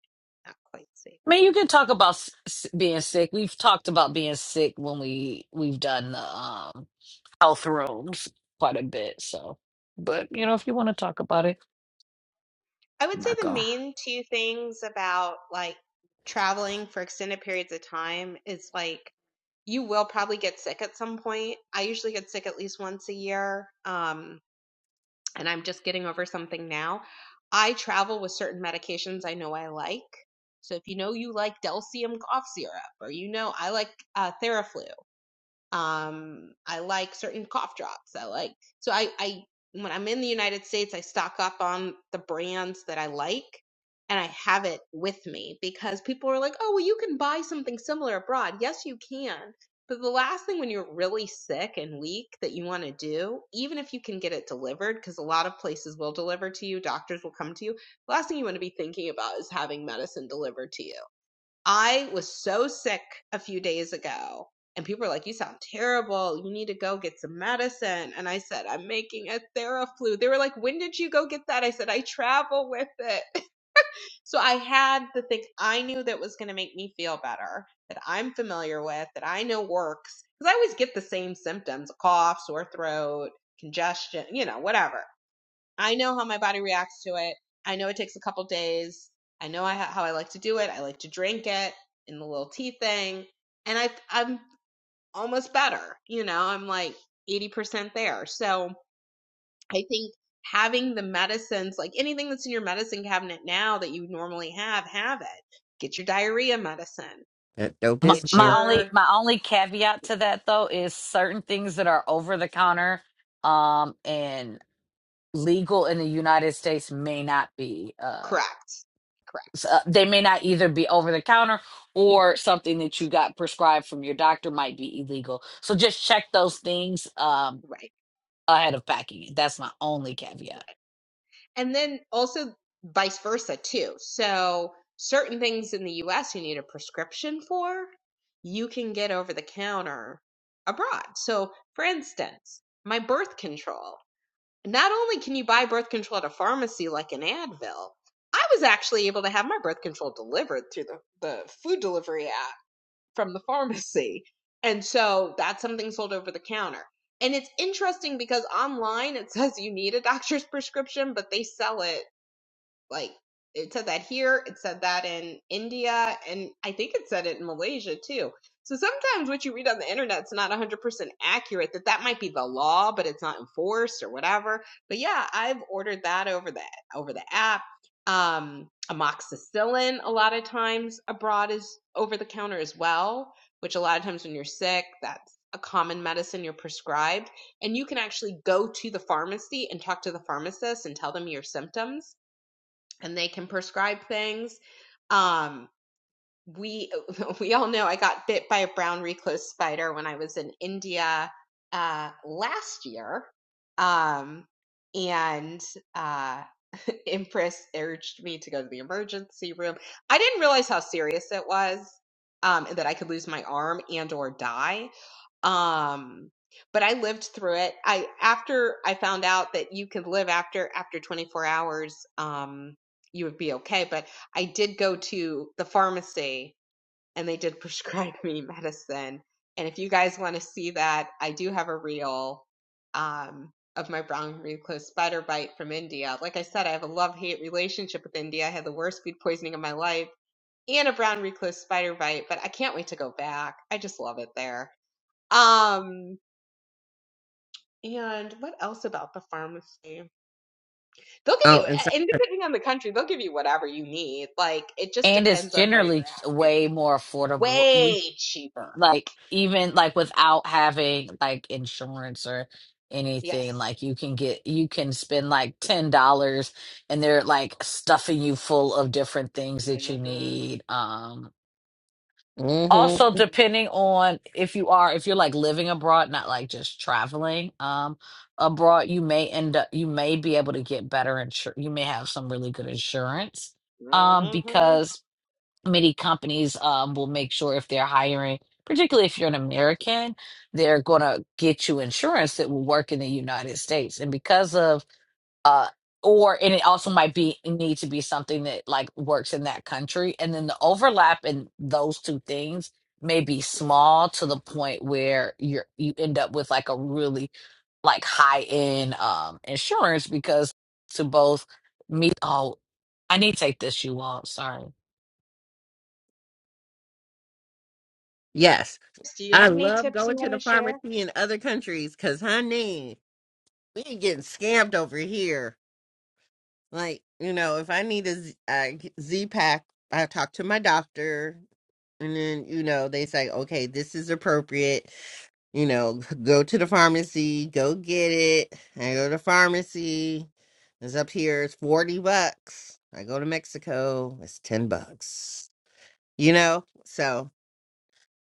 S2: not quite safety.
S1: I mean, you can talk about s- s- being sick. We've talked about being sick when we we've done the um, health rooms quite a bit. So, but
S2: hmm
S1: you know, if you want to talk about it,
S2: I
S1: I'm
S2: would say
S1: not
S2: the
S1: gonna.
S2: main two things about like traveling for extended periods of time is like you will probably get sick at some point. I usually get sick at least once a year, um, and I'm just getting over something now. I travel with certain medications I know I like. So if you know you like Delcium cough syrup, or you know I like uh, Theraflu, um, I like certain cough drops. I like so I, I when I'm in the United States, I stock up on the brands that I like and I have it with me because people are like, oh well you can buy something similar abroad. Yes you can. But the last thing when you're really sick and weak that you want to do, even if you can get it delivered, because a lot of places will deliver to you, doctors will come to you, the last thing you want to be thinking about is having medicine delivered to you I was so sick a few days ago, and people were like, You sound terrible. You need to go get some medicine. And I said, I'm making a Theraflu. They were like, When did you go get that? I said, I travel with it. [LAUGHS] So I had the thing I knew that was going to make me feel better, that I'm familiar with, that I know works. Because I always get the same symptoms cough, sore throat, congestion, you know, whatever. I know how my body reacts to it. I know it takes a couple days. I know I ha- how I like to do it. I like to drink it in the little tea thing, and I I'm almost better. You know, I'm like 80% there. So I think having the medicines, like anything that's in your medicine cabinet now that you normally have, have it. Get your diarrhea medicine.
S4: That dope
S1: My,
S4: business.
S2: Get
S1: my
S4: though.
S1: only
S2: your
S1: my only caveat to that though is certain things that are over the counter um and legal in the United States may not be uh
S2: correct, correct,
S1: s- uh, they may not either be over the counter or something that you got prescribed from your doctor might be illegal. So just check those things um
S2: right
S1: ahead of packing it. That's my only
S2: Right.
S1: caveat.
S2: and then also vice versa too. So certain things in the US you need a prescription for, you can get over the counter abroad. So for instance, my birth control. Not only can you buy birth control at a pharmacy like an Advil, I was actually able to have my birth control delivered through the, the food delivery app from the pharmacy. And so that's something sold over the counter. And it's interesting because online it says you need a doctor's [LAUGHS] prescription, but they sell it like it said that here, it said that in India, and I think it said it in Malaysia too. So sometimes what you read on the internet is not 100% accurate, that that might be the law, but it's not enforced or whatever. But yeah, I've ordered that over the, over the app. Um, amoxicillin a lot of times abroad is over the counter as well, which a lot of times when you're sick, that's a common medicine you're prescribed and you can actually go to the pharmacy and talk to the pharmacist and tell them your symptoms and they can prescribe things. Um, we [LAUGHS] we all know I got bit by a brown recluse spider when I was in India uh, last year, um, and uh, [LAUGHS] Empress urged me to go to the emergency room. I didn't realize how serious it was, um, and that I could lose my arm and or die um, but I lived through it. I after I found out that you could live after after 24 hours, um, you would be okay. But I did go to the pharmacy and they did [LAUGHS] prescribe me medicine. And if you guys want to see that, I do have a reel um, of my brown recluse spider bite from India. Like I said, I have a love hate relationship with India. I had the worst food poisoning of my life and a brown recluse spider bite, but I can't wait to go back. I just love it there. Um, and what else about the pharmacy? They'll give
S4: Oh,
S2: you,
S4: and so,
S2: and depending on the country, they'll give you whatever you need. Like it just
S1: And it's
S2: depends on where you're
S1: generally
S2: at. Yeah.
S1: way more affordable. You.
S2: Way cheaper.
S1: like even like without having like insurance or
S2: Yes.
S1: anything like you can get you can spend like ten dollars and they're like stuffing you full of different things that you
S2: Mm-hmm.
S1: need um
S4: hmm
S1: also
S2: Mm-hmm.
S1: depending on if you are if you're like living abroad not like just traveling um abroad you may end up you may be able to get better insurance you may have some really good insurance um
S2: Mm-hmm.
S1: because many companies um, will make sure if they're hiring, particularly if you're an American, they're going to get you insurance that will work in the United States. And because of, uh, or, and it also might be need to be something that like works in that country. And then the overlap in those two things may be small to the point where you're, you end up with like a really like high end um, insurance because to both meet, oh, I need to take this, you all. Sorry.
S4: yes,
S2: Do you
S4: I
S2: have any
S4: love
S2: tips you
S4: going to
S2: want
S4: the
S2: to share?
S4: pharmacy in other countries because, honey, we ain't getting scammed over here. Like, you know, if I need a Z, a Z pack, I talk to my doctor, and then you know they say, okay, this is appropriate. you know, go to the pharmacy, go get it. I go to the pharmacy. It's up here, it's 40 bucks. I go to Mexico, it's 10 bucks. You know, so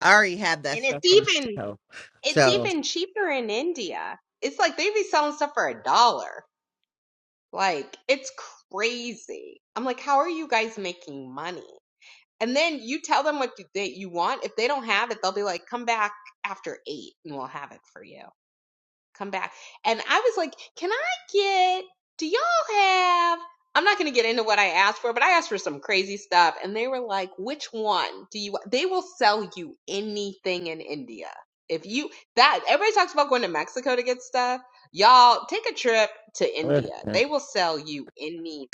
S4: I already have that
S2: And
S4: stuff
S2: it's
S4: from
S2: even
S4: Mexico.
S2: it's
S4: So
S2: even cheaper in India. It's like they be selling stuff for a dollar. Like it's crazy. I'm like, how are you guys making money? And then you tell them what you, that you want. If they don't have it, they'll be like, come back after eight and we'll have it for you. Come back. And I was like, can I get, do y'all have, I'm not going to get into what I asked for, but I asked for some crazy stuff. And they were like, which one do you, wa-" they will sell you anything in India. If you, that, everybody talks about going to Mexico to get stuff. Y'all take a trip to India.
S4: listen,
S2: They will sell you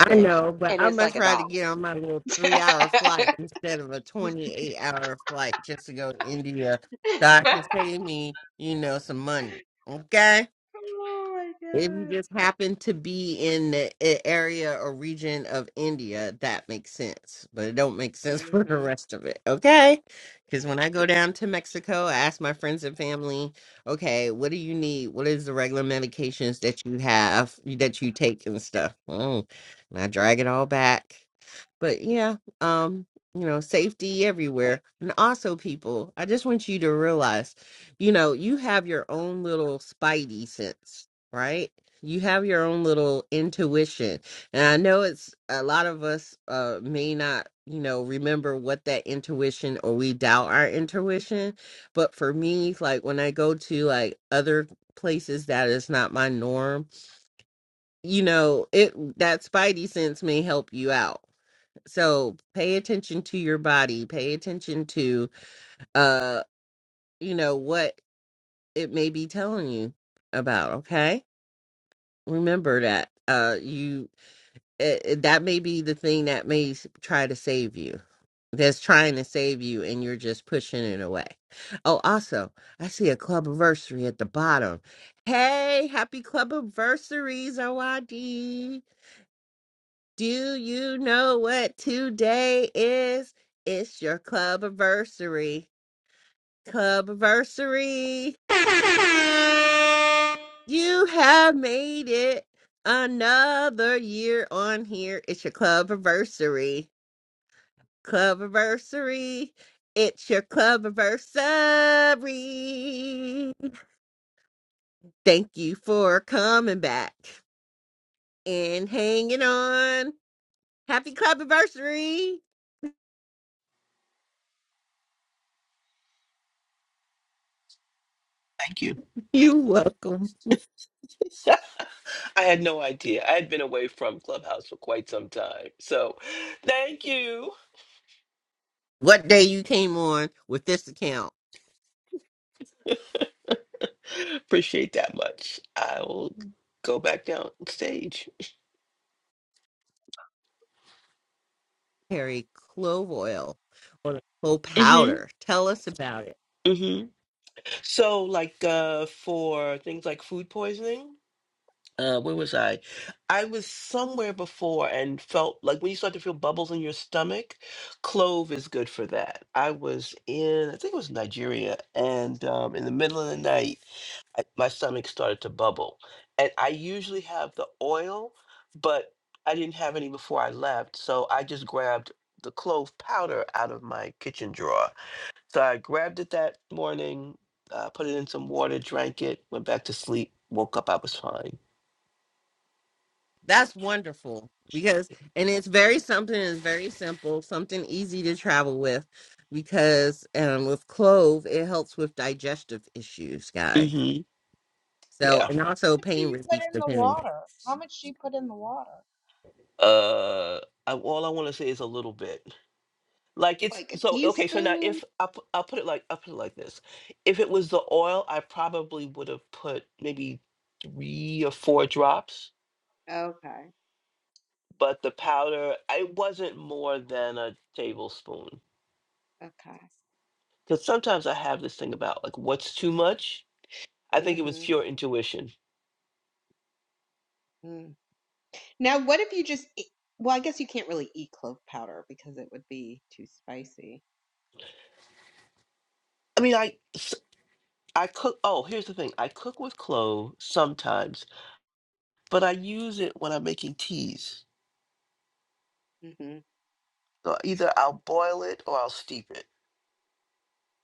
S4: I know, but
S2: And
S4: I'm
S2: it's
S4: gonna
S2: like a
S4: try to
S2: dollar.
S4: get on my little three hour
S2: [LAUGHS]
S4: flight instead of a 28 hour flight just to go to India. So I can save me, you know, some money. Okay.
S2: oh my
S4: If you
S2: God.
S4: just happen to be in the a- area or region of India, that makes sense. But it don't make
S2: hmm
S4: sense [LAUGHS] for the
S2: much
S4: rest of it, okay? Because when I go down to Mexico, I ask my friends and family, okay, what do you need? What is the regular medications that you have that you take and stuff? Mm. And I drag it all back. But yeah, um, you know, safety everywhere. And also, people, I just want you to realize, you know, you have your own little spidey sense right? You have your own little intuition. And I know it's a lot of us uh may not, you know, remember what that intuition or we doubt our intuition, but for me, like when I go to like other places that is not my norm, you know, it that spidey sense may help you out. So, pay attention to your body, pay attention to uh, you know, what it may be telling you about, okay? remember that uh you eh, eh, that may be the thing that may s- try to save you that's trying to save you and you're just pushing it away oh also i see a club anniversary at the bottom hey happy club anniversaries oid do you know what today is it's your club anniversary Cubversary. [LAUGHS] You have made it another year on here. It's your clubversary. Clubversary. It's your clubversary. Thank you for coming back and hanging on. Happy clubversary.
S5: Thank you.
S4: You're welcome.
S5: [LAUGHS] I had no idea. I had been away from Clubhouse for quite some time. So thank you.
S4: What day you came on with this account?
S5: Appreciate that much. I will go back down stage.
S4: carry clove oil or clove
S5: hmm
S4: powder. Tell us about it.
S5: hmm So like uh for things like food poisoning, uh where was I? I was somewhere before and felt like when you start to feel bubbles in your stomach, clove is good for that. I was in I think it was Nigeria and um in the middle of the night I, my stomach started to bubble. And I usually have the oil, but I didn't have any before I left. So I just grabbed the clove powder out of my kitchen drawer. So I grabbed it that morning, uh, put it in some water, drank it, went back to sleep, woke up, I was fine.
S4: That's wonderful because, and it's very something is very simple, something easy to travel with because um, with clove, it helps with digestive issues, guys.
S5: hmm
S4: So,
S5: Yeah.
S4: and also
S2: do
S4: pain
S2: you put
S4: relief,
S2: in the
S4: depending.
S2: water? How much do you put in the water?
S5: Uh, I, all I want to say is a little bit. Like it's
S2: Like a
S5: so okay. So now,
S2: teaspoon?
S5: if I pu- I'll put it like I will put it like this, if it was the oil, I probably would have put maybe three or four drops.
S2: Okay.
S5: But the powder, I wasn't more than a tablespoon.
S2: Okay.
S5: Because sometimes I have this thing about like what's too much. I think it was
S2: hmm
S5: pure intuition.
S2: Mm. Now, what if you just eat, well, I guess you can't really eat clove powder because it would be too spicy.
S5: I mean, I s- I cook. Oh, here's the thing. I cook with clove sometimes, but I use it when I'm making teas.
S2: hmm
S5: So either I'll boil it or I'll steep it.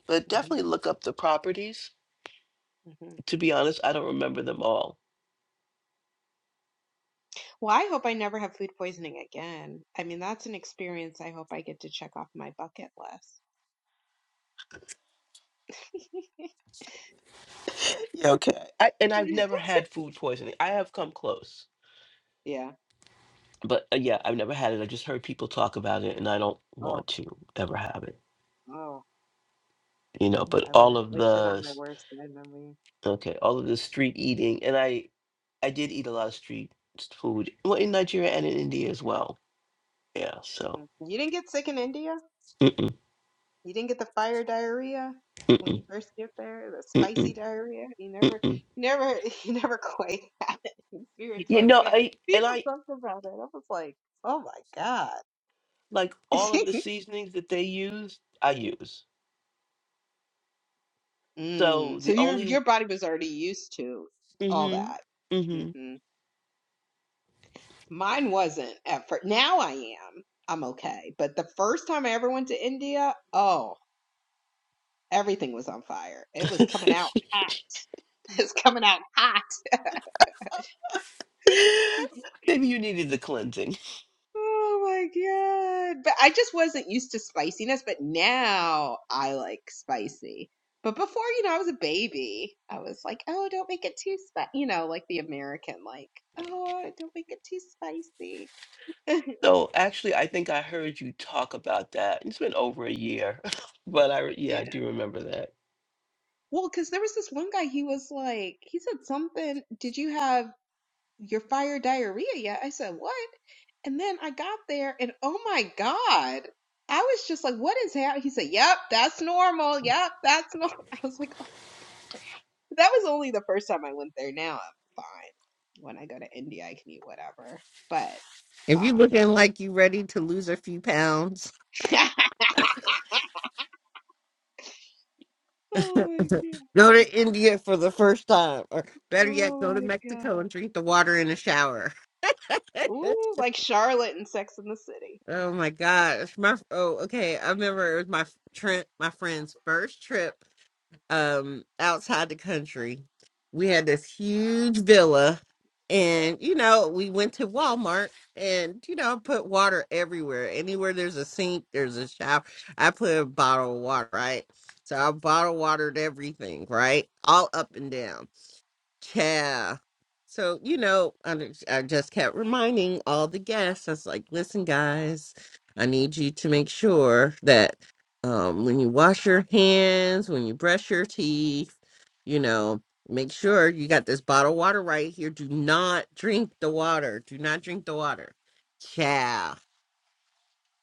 S5: But
S2: hmm
S5: definitely look up the properties
S2: hmm
S5: to be honest, I don't remember them all.
S2: Well, I hope I never have food poisoning again. I mean, that's an experience I hope I get to check off my bucket list. [LAUGHS]
S5: Yeah, okay. I, and I've never had food poisoning. I have come close,
S2: Yeah.
S5: but uh, yeah, I've never had it. I just heard people talk about it, and I don't
S2: Oh,
S5: want to ever have it.
S2: oh,
S5: You know, but
S2: I
S5: all
S2: wouldn't
S5: of
S2: wish it
S5: the
S2: on my
S5: s-
S2: worst enemy.
S5: okay, all of the street eating, and I, I did eat a lot of street s- food, well, in Nigeria and in India as well. Yeah, so
S2: Mm. You didn't get sick in India?
S5: mm-mm,
S2: You didn't get the fire diarrhea when
S5: mm-mm,
S2: you first get there, the
S5: mm-mm,
S2: spicy diarrhea. you never,
S5: mm-mm.
S2: he never, [LAUGHS] you never quite [LAUGHS] had an experience
S5: you
S2: like
S5: know,
S2: that.
S5: I and
S2: People
S5: I
S2: talked about it. I was like, oh my god.
S5: like all of the
S2: [LAUGHS]
S5: seasonings that they use. I use.
S2: mm.
S5: So
S2: So
S5: the
S2: your
S5: only.
S2: your body was already used to all
S5: Mm-hmm.
S2: that.
S5: mm-hmm.
S2: hmm Mine wasn't at first. Now I am. I'm okay. But the first time I ever went to India, oh, everything was on fire. It was coming out
S5: [LAUGHS]
S2: hot. [LAUGHS] It's coming out hot. [LAUGHS]
S5: Maybe you needed the cleansing.
S2: Oh my God. But I just wasn't used to spiciness, but now I like spicy. But before, you know, I was a baby. I was like, oh, don't make it too spicy. You know, like the American, like, oh, don't make it too spicy. [LAUGHS]
S5: So actually, I think I heard you talk about that. It's been over a year, [LAUGHS] but I re- yeah, I
S2: Yeah.
S5: do remember that.
S2: Well, because there was this one guy, he was like, he said something, did you have your fire diarrhea yet? I said, what? And then I got there and oh my God. I was just like, what is happening? He said, yep, that's normal. Yep, that's normal. [LAUGHS] I was like, that was only the first time I went there. Now I'm fine. When I go to India, I can eat whatever. But
S4: If you're
S2: uh,
S4: looking like you ready to lose a few pounds,
S2: [LAUGHS] oh my god,
S4: go to India for the first time, or better yet, go
S2: oh
S4: to
S2: my
S4: Mexico
S2: god,
S4: and drink the water in the shower. [LAUGHS]
S2: ooh, like Charlotte in Sex in the City.
S4: Oh my gosh. My oh, okay. I remember it was my f- Trent, my friend's first trip um outside the country. We had this huge villa and you know, we went to Walmart and you know, put water everywhere. Anywhere there's a sink, there's a shower. I put a bottle of water, right? So I bottle watered everything, right? All up and down. Yeah. So, you know, I, I just kept reminding all the guests, I was like, listen, guys, I need you to make sure that um, when you wash your hands, when you brush your teeth, you know, make sure you got this bottle of water right here. Do not drink the water. Do not drink the water. Yeah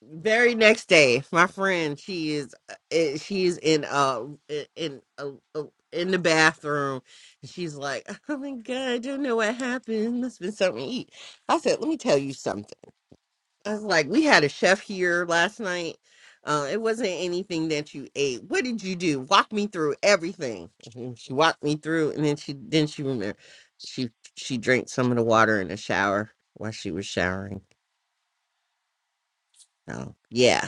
S4: very next day my friend she is uh, eh, she's in uh i- in uh, uh, in the bathroom and she's like oh my god i don't know what happened must have been something to eat i said let me tell you something i was like we had a chef here last night uh it wasn't anything that you ate what did you do walk me through everything and she walked me through and then she then she remember she she drank some of the water in the shower while she was showering so yeah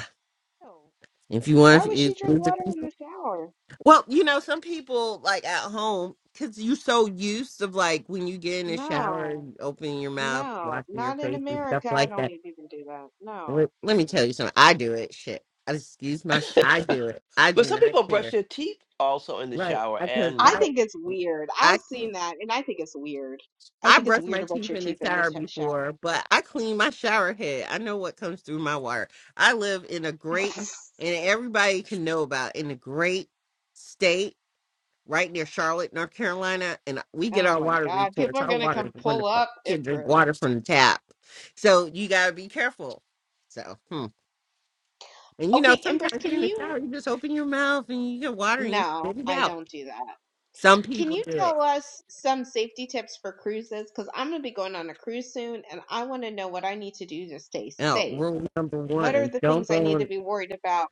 S2: No.
S4: If you
S2: Why
S4: want, if
S2: would
S4: you,
S2: she drink
S4: lose the
S2: water in
S4: consent.
S2: the shower?
S4: well, you know, some people like at home because you're so used of like when you get in the shower,
S2: No,
S4: and opening your mouth,
S2: no,
S4: washing your
S2: not in
S4: face and stuff
S2: America. I
S4: like
S2: don't
S4: that.
S2: even do that.
S4: Let,
S2: No,
S4: let me
S2: Mm-mm.
S4: tell you something. I do it. Shit, I just my. I do it. I
S5: But
S4: do
S5: some
S4: not
S5: people brush
S4: care.
S5: their teeth also in the
S4: Right?
S5: shower.
S4: Because
S2: I
S5: And
S4: I,
S2: think it's weird.
S4: I
S2: I've seen
S4: keep.
S2: that, and I think it's weird. I
S4: I
S2: think it's
S4: brush
S2: weird
S4: my
S2: to brush
S4: teeth
S2: your
S4: in the
S2: teeth in the
S4: shower
S2: t- shower.
S4: before, but I clean my shower head. I know what comes through my water. I live in a great,
S2: [LAUGHS]
S4: and everybody can know about in a great state right near Charlotte, North Carolina, and we get
S2: Oh
S4: our
S2: my
S4: water
S2: God. People
S4: reports.
S2: are
S4: Our
S2: gonna
S4: water
S2: come
S4: is
S2: pull
S4: wonderful.
S2: up
S4: You can drink
S2: Empress.
S4: water from the tap. So you got to be careful. So, hmm. and you know,
S2: Okay, Empress,
S4: sometimes you're
S2: can
S4: in the
S2: you?
S4: shower, you just open your mouth and you get water and you
S2: No,
S4: spit it
S2: I
S4: out.
S2: don't do that.
S4: Some
S2: Can
S4: people
S2: you
S4: do it.
S2: tell us some safety tips for cruises? Because I'm gonna be going on a cruise soon and I want to know what I need to do to stay
S4: Now,
S2: safe.
S4: rule number
S2: What are
S4: one
S2: the
S4: don't
S2: things I
S4: go
S2: need to
S4: in.
S2: be worried about?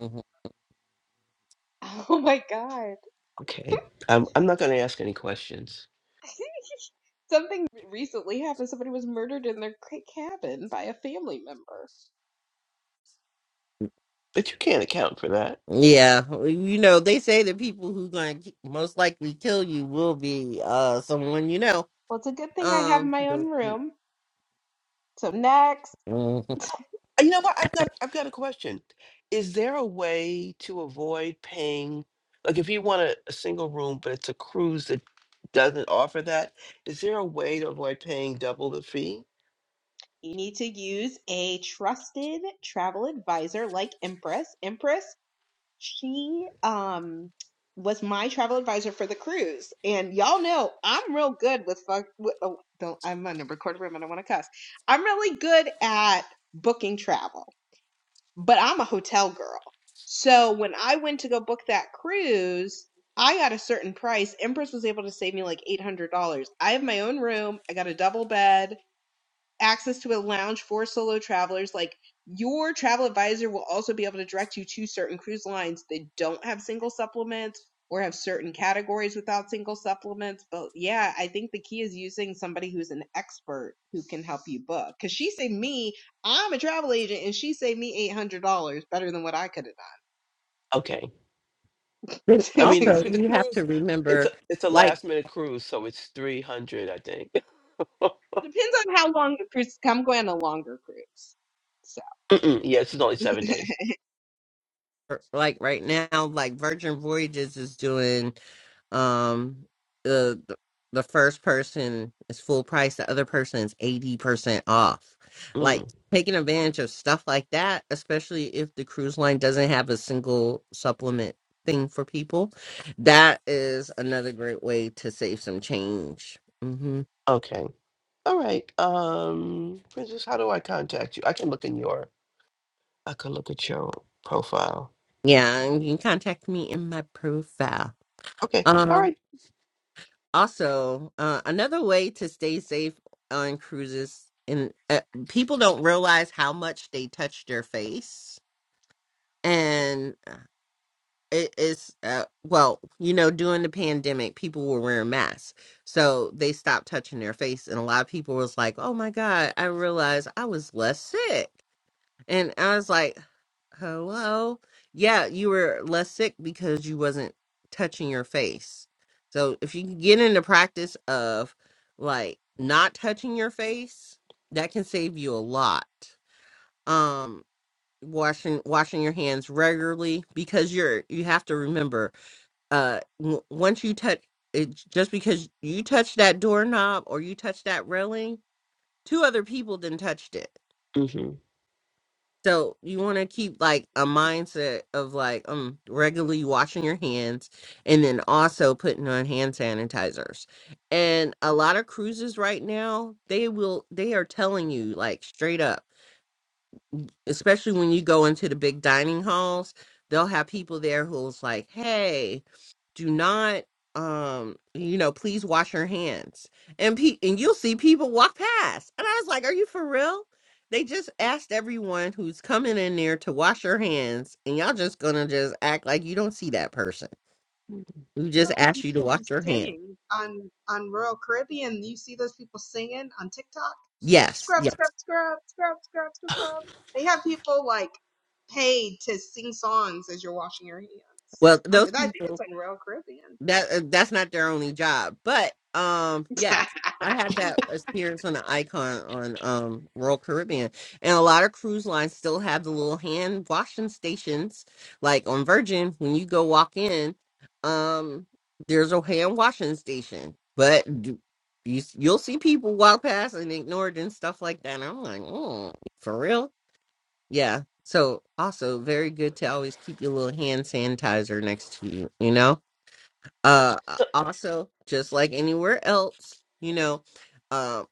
S4: Mhm.
S2: [LAUGHS] Oh my God.
S5: okay, I'm I'm not going to ask any questions,
S2: [LAUGHS] Something recently happened. Somebody was murdered in their ca- cabin by a family member.
S5: but you can't account for that.
S4: Yeah, well, you know, they say the people who going to most likely kill you will be uh someone you know.
S2: Well, it's a good thing I have
S4: Um,
S2: my own
S4: the-
S2: room. So next.
S4: Mhm.
S5: Uh, You know what? I've got I've got a question. Is there a way to avoid paying? Like if you want a, a single room, but it's a cruise that doesn't offer that, is there a way to avoid paying double the fee?
S2: You need to use a trusted travel advisor like Empress. Empress, she um was my travel advisor for the cruise, and y'all know I'm real good with fuck. With, oh, don't I'm on a recorded room. I don't want to cuss. I'm really good at booking travel, but I'm a hotel girl. So when I went to go book that cruise, I got a certain price. Empress was able to save me like eight hundred dollars. I have my own room. I got a double bed access to a lounge for solo travelers. Like your travel advisor will also be able to direct you to certain cruise lines that don't have single supplements or have certain categories without single supplements. But yeah, I think the key is using somebody who's an expert who can help you book. Cause she saved me, I'm a travel agent and she saved me $800 better than what I could
S5: Okay.
S4: Then
S2: have done.
S5: I mean the
S4: also,
S5: cru-
S2: [LAUGHS]
S5: the
S4: you have
S5: cruise
S4: to
S5: it's
S4: remember.
S5: a it's a
S4: like.
S5: last minute cruise, so it's three hundred, I think. [LAUGHS]
S2: Depends on how long the cruise, I'm going on a longer cruise. So.
S5: Mm-mm, yes, it's only seven days.
S2: [LAUGHS]
S4: er, like right now, like Virgin Voyages is doing um the the the first person is full price, the other person is eighty percent off. Like
S5: Mm,
S4: taking advantage of stuff like that, especially if the cruise line doesn't have a single supplement thing for people, that is another great way to save some change. hmm
S5: okay. All right. Um, Princess, how do I contact you? I can look in your I can look at your profile.
S4: Yeah, and you can contact me in my profile.
S5: Okay. All
S4: Um.
S5: right.
S4: also uh, another way to stay safe on cruises and uh, people don't realize how much they touch their face and it is uh, well you know during the pandemic people were wearing masks so they stopped touching their face and a lot of people was like oh my god i realized i was less sick and I was like, hello? Yeah, you were less sick because you wasn't touching your face. So if you can get into practice of like not touching your face, that can save you a lot. Um washing washing your hands regularly because you're you have to remember uh w- once you touch it just because you touch that doorknob or you touch that railing two other people didn't touched it
S5: Mm-hmm.
S4: So you want to keep like a mindset of like um regularly washing your hands and then also putting on hand sanitizers. And a lot of cruises right now, they will they are telling you like straight up, especially when you go into the big dining halls, they'll have people there who's like, "Hey, do not um you know please wash your hands and pe- and you'll see people walk past and i was like are you for real they just asked everyone who's coming in there to wash your hands and y'all just gonna just act like you don't see that person who
S2: What
S4: just
S2: about the
S4: asked you to
S2: people
S4: wash
S2: who
S4: your hands
S2: sing on on rural Caribbean? You see those people singing on TikTok?
S4: yes
S2: Scrub, scrub,
S4: yes
S2: scrub, scrub, scrub, scrub, scrub. They have people like paid to sing songs as you're washing your hands.
S4: well
S2: Um,
S4: those
S2: I think
S4: people
S2: it's on Royal Caribbean.
S4: that uh, that's not their only job but um yes i had that experience on the icon on um royal caribbean and a lot of cruise lines still have the little hand washing stations like on virgin when you go walk in um there's a hand washing station but d- you you'll see people walk past and ignore it and stuff like that and i'm like oh for real yeah so also very good to always keep your little hand sanitizer next to you you know uh uh,
S5: So
S4: also just like anywhere else you know um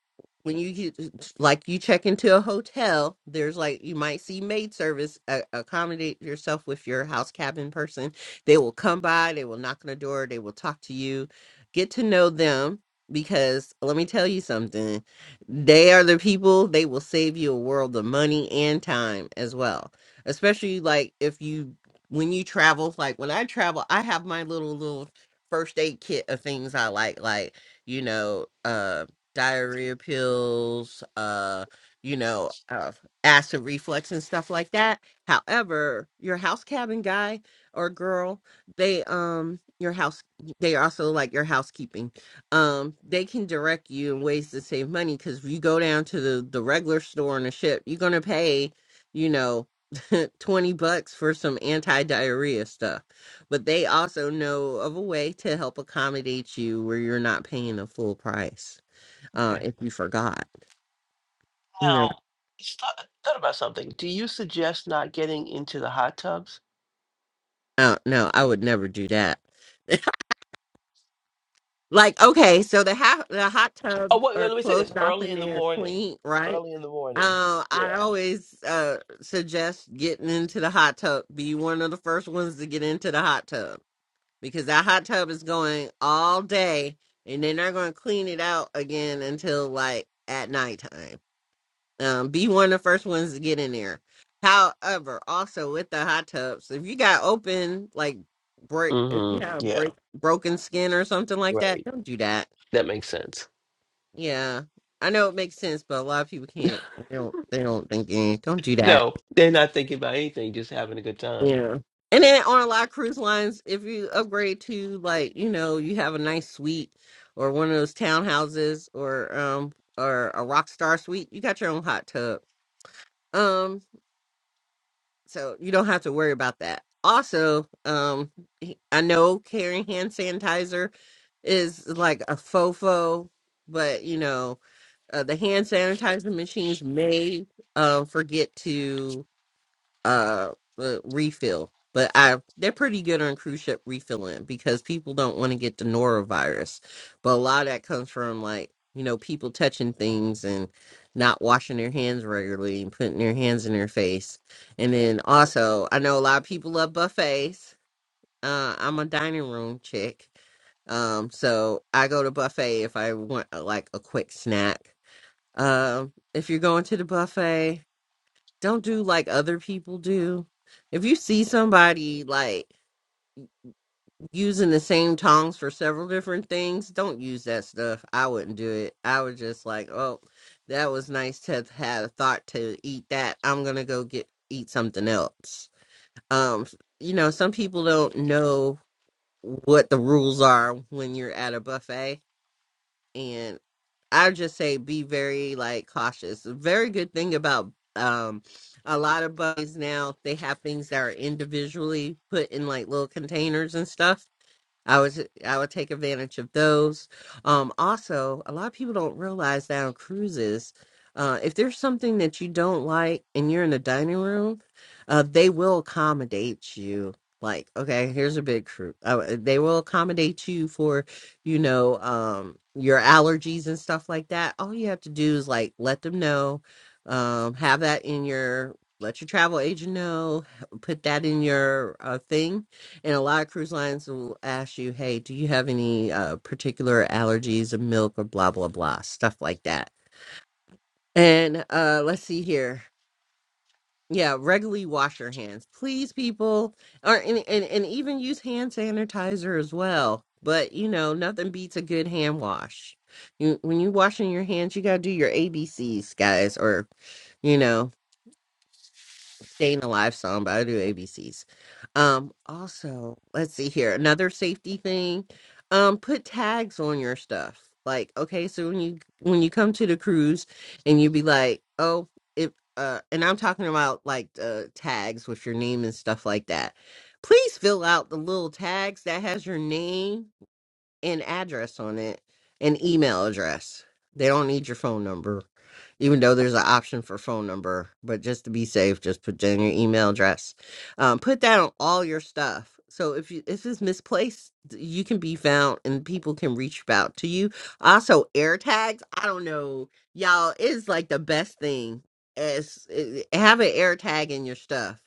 S4: when you you- like you check into a hotel there's like you might see maid service uh, accommodate yourself with your house cabin person they will come by they will knock on the door they will talk to you get to know them because let me tell you something they are the people they will save you a world of money and time as well especially like if you when you travel like when i travel i have my little little first aid kit of things I like, like, you know, uh diarrhea pills, uh, you know, uh, acid reflux and stuff like that. However, your house cabin guy or girl, they um your house they also like your housekeeping. Um they can direct you in ways to save money cuz if you go down to the the regular store on the ship, you're going to pay, you know, [LAUGHS] 20 bucks for some anti-diarrhea stuff but they also know of a way to help accommodate you where you're not paying the full price
S5: okay.
S4: uh
S5: Now,
S4: if you forgot you know
S5: just thought, thought about something. Do you suggest not getting into the hot tubs?
S4: uh, no i would never do that like okay so the half the hot tubs
S5: Oh, what?
S4: are
S5: Let me say this:
S4: closed off
S5: early
S4: and
S5: in the
S4: they're
S5: morning.
S4: clean right
S5: Early in the morning.
S4: uh, I
S5: Yeah.
S4: always uh, suggest getting into the hot tub. Be one of the first ones to get into the hot tub because that hot tub is going all day, and then they're going to clean it out again until like at nighttime. Um, be one of the first ones to get in there. However, also with the hot tubs, if you got open like break, if you
S5: Mm-hmm.
S4: have
S5: Yeah.
S4: break broken skin or something like
S5: Right.
S4: that, don't do that.
S5: That makes sense.
S4: Yeah, I know it makes sense, but a lot of people can't. They don't. They don't think. eh, Don't do that.
S5: No, they're not thinking about anything, just having a good time.
S4: Yeah. And then on a lot of cruise lines, if you upgrade to like you know you have a nice suite or one of those townhouses or um or a rock star suite, you got your own hot tub. Um, So you don't have to worry about that. Also, um, I know carrying hand sanitizer is like a fofo, but you know, uh, the hand sanitizer machines may uh, forget to uh, uh refill but i they're pretty good on cruise ship refilling because people don't want to get the norovirus but a lot of that comes from like you know people touching things and not washing their hands regularly and putting their hands in their face and then also i know a lot of people love buffets uh i'm a dining room chick um so i go to buffet if i want uh, like a quick snack um if you're going to the buffet don't do like other people do. If you see somebody like using the same tongs for several different things, don't use that stuff. I wouldn't do it. I would just like, oh, that was nice to have had a thought to eat that. I'm gonna go get eat something else. Um, you know, some people don't know what the rules are when you're at a buffet and I just say be very like cautious. A very good thing about um a lot of bugs now they have things that are individually put in like little containers and stuff I was uh, I would take advantage of those. Um, also, a lot of people don't realize that on cruises, uh, if there's something that you don't like and you're in the dining room, uh, they will accommodate you. Like, okay, here's a big crew. Uh, uh, they will accommodate you for, you know, um, your allergies and stuff like that. All you have to do is like let them know, um, have that in your let your travel agent know, put that in your uh, thing and a lot of cruise lines will ask you, hey, do you have any uh, particular allergies or milk or blah, blah, blah, stuff like that. And uh, let's see here. Yeah, regularly wash your hands. Please, people, or and, and, and even use hand sanitizer as well. But, you know, nothing beats a good hand wash. You, when you're washing your hands, you got to do your ABCs, guys, or, you know, staying alive song, but I do ABCs. Um, also, let's see here. Another safety thing. Um, put tags on your stuff. Like, okay, so when you when you come to the cruise and you be like, oh, if uh and I'm talking about like uh tags with your name and stuff like that. Please fill out the little tags that has your name an address on it, an email address. They don't need your phone number, even though there's an option for phone number. But just to be safe, just put down your email address. Um, put that on all your stuff. So if you if it's misplaced, you can be found and people can reach out to you. Also, air tags. I don't know, y'all. It's like the best thing. As eh, eh, have an air tag in your stuff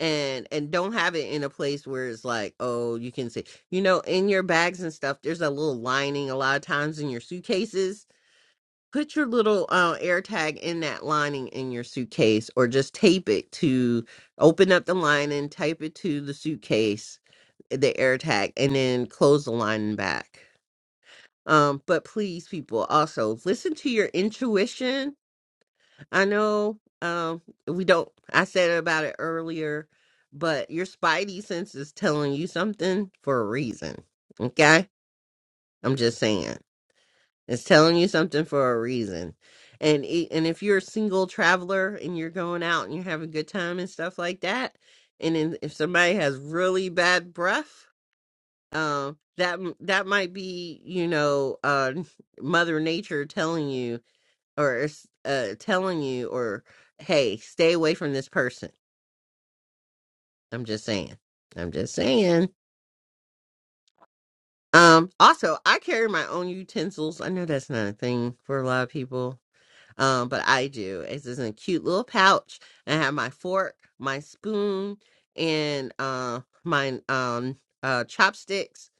S4: and and don't have it in a place where it's like oh you can say you know in your bags and stuff there's a little lining a lot of times in your suitcases put your little uh, air tag in that lining in your suitcase or just tape it to open up the lining tape it to the suitcase eh, the air tag and then close the lining back um but please people also listen to your intuition I know um we don't I said about it earlier, but your spidey sense is telling you something for a reason. Okay? I'm just saying. It's telling you something for a reason. And i- and if you're a single traveler and you're going out and you're having a good time and stuff like that, and then if somebody has really bad breath, um that m- that might be, you know, uh [LAUGHS] mother nature telling you or uh, telling you or hey stay away from this person i'm just saying i'm just saying um also i carry my own utensils i know that's not a thing for a lot of people Um, but I do. It's just in a cute little pouch. I have my fork, my spoon, and uh, my um, uh, chopsticks.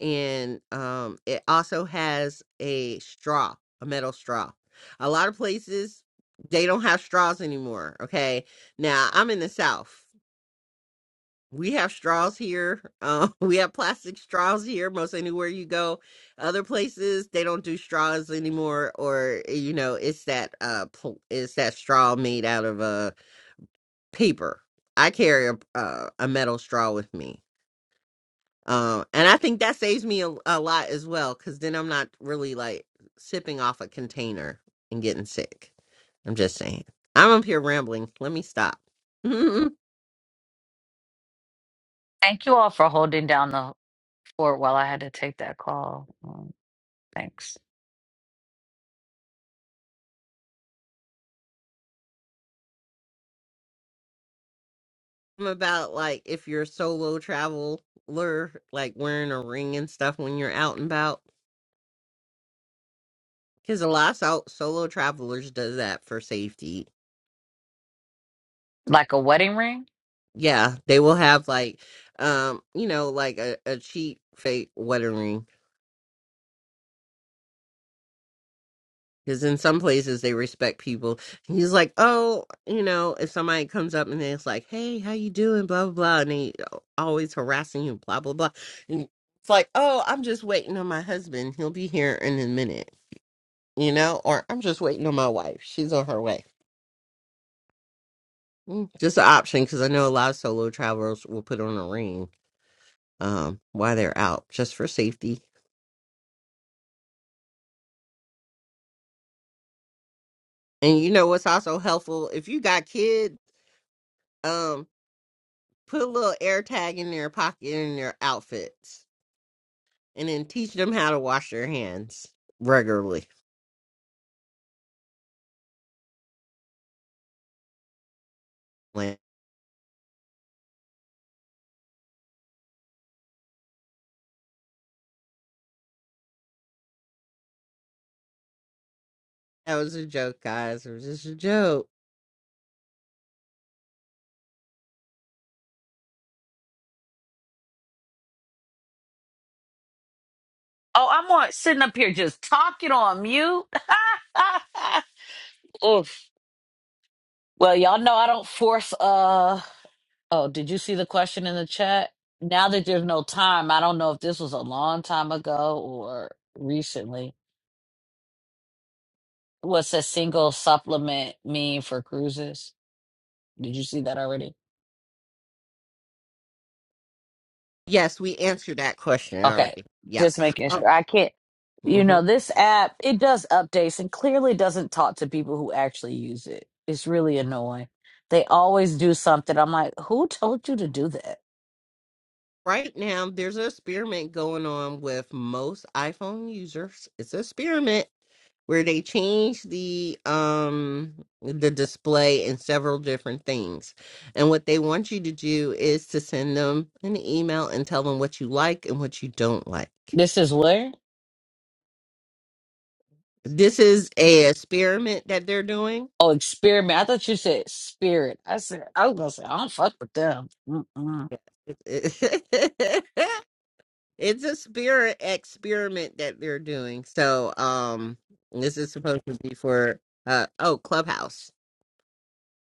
S4: And um, it also has a straw, a metal straw. A lot of places, they don't have straws anymore. Okay. Now, I'm in the South we have straws here. Um, [LAUGHS] we have plastic straws here. Most anywhere you go, other places they don't do straws anymore, or you know, it's that uh, pl- it's that straw made out of uh paper. I carry a uh, a metal straw with me, um, and I think that saves me a, a lot as well, because then I'm not really like sipping off a container and getting sick. I'm just saying. I'm up here rambling. Let me stop. [LAUGHS]
S1: Thank you all for holding down the fort while I had to take that call. Um, Thanks.
S4: about like if you're a solo traveler, like wearing a ring and stuff when you're out and about. Because a lot of sol- solo travelers does that for safety.
S1: Like a wedding ring?
S4: Yeah, they will have like, um, you know, like a, a cheap fake wedding ring. Because in some places they respect people. He's like, oh, you know, if somebody comes up and then it's like, hey, how you doing, blah blah blah, and they always harassing you, blah blah blah, and it's like, oh, I'm just waiting on my husband. He'll be here in a minute you know, or I'm just waiting on my wife. She's on her way. Mm. Just an option because I know a lot of solo travelers will put on a ring um, while they're out just for safety. And you know what's also helpful if you got kids, um, put a little air tag in their pocket in their outfits, and then teach them how to wash their hands regularly. Like, that was a joke, guys. It was just a joke.
S1: Oh, I'm on sitting up here just talking on mute. [LAUGHS] Oof. Well, y'all know I don't force uh oh, did you see the question in the chat? Now that there's no time, I don't know if this was a long time ago or recently. What's a single supplement mean for cruises? Did you see that already?
S4: Yes, we answered that question
S1: Okay,
S4: already.
S1: just making
S4: Yep.
S1: sure. I can't, you know, this app, it does updates and clearly doesn't talk to people who actually use it. It's really annoying. They always do something. I'm like, who told you to do that?
S4: Right now, there's an experiment going on with most iPhone users. It's an experiment where they change the um the display and several different things. And what they want you to do is to send them an email and tell them what you like and what you don't like.
S1: This is where?
S4: This is a experiment that they're doing.
S1: Oh, experiment. I thought you said spirit. I said I was gonna say I don't fuck with them. Mm-mm.
S4: [LAUGHS] It's a spirit experiment that they're doing. So, um, this is supposed to be for uh oh Clubhouse.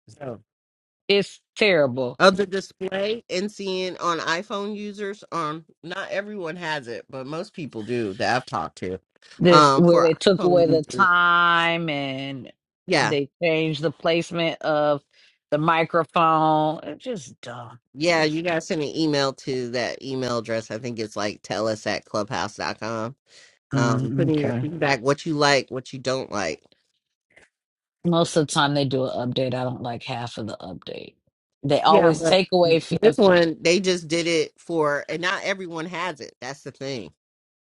S4: So,
S1: It's terrible.
S4: of the display and seeing on iPhone users, um, not everyone has it, but most people do that I've talked to.
S1: This
S4: Um,
S1: where
S4: for
S1: they took
S4: iPhone
S1: away the
S4: users,
S1: time and
S4: yeah,
S1: they changed the placement of the microphone. It's just dumb.
S4: yeah,
S1: Just
S4: you gotta send an email to that email address. I think it's like tell us at clubhouse dot com. Um,
S1: mm,
S4: putting your
S1: okay.
S4: feedback, what you like, what you don't like
S1: Most of the time they do an update. I don't like half of the update. They
S4: Yeah,
S1: always
S4: but
S1: take away f- a
S4: this one they just did it for, and not everyone has it. That's the thing.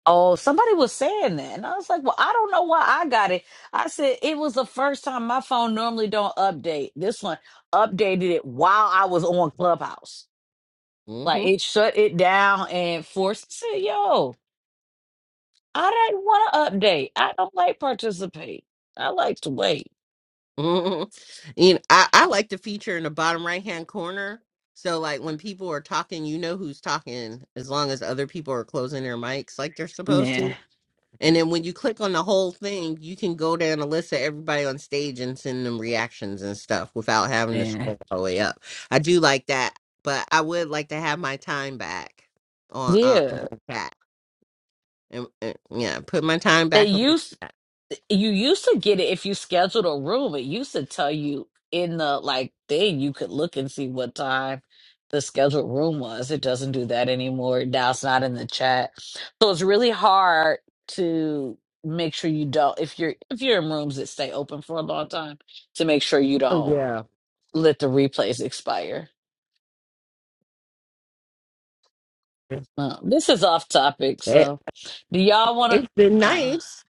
S1: Oh, somebody was saying that, and I was like, "Well, I don't know why I got it." I said it was the first time my phone normally don't update. This one updated it while I was on Clubhouse. Like
S4: hmm
S1: it shut it down and forced. I said, "Yo, I didn't want to update. I don't like participate. I like to wait."
S4: hmm And [LAUGHS] I, I like the feature in the bottom right hand corner. So like when people are talking, you know who's talking, as long as other people are closing their mics like they're supposed to.
S1: Yeah,
S4: And then when you click on the whole thing, you can go down a list of everybody on stage and send them reactions and stuff without having to
S1: yeah,
S4: scroll all the way up. I do like that, but I would like to have my time back on uh, in
S1: yeah.
S4: the chat. and, and yeah, put my time
S1: They
S4: back on my
S1: used
S4: back.
S1: you used to get it if you scheduled a room. It used to tell you in the like thing you could look and see what time the scheduled room was. It doesn't do that anymore. Now it's not in the chat. So it's really hard to make sure you don't if you're if you're in rooms that stay open for a long time to make sure you
S4: Oh
S1: don't
S4: yeah,
S1: let the replays expire. Um, this is off topic,
S4: it,
S1: so do y'all want
S4: it's been
S1: to uh,
S4: nice.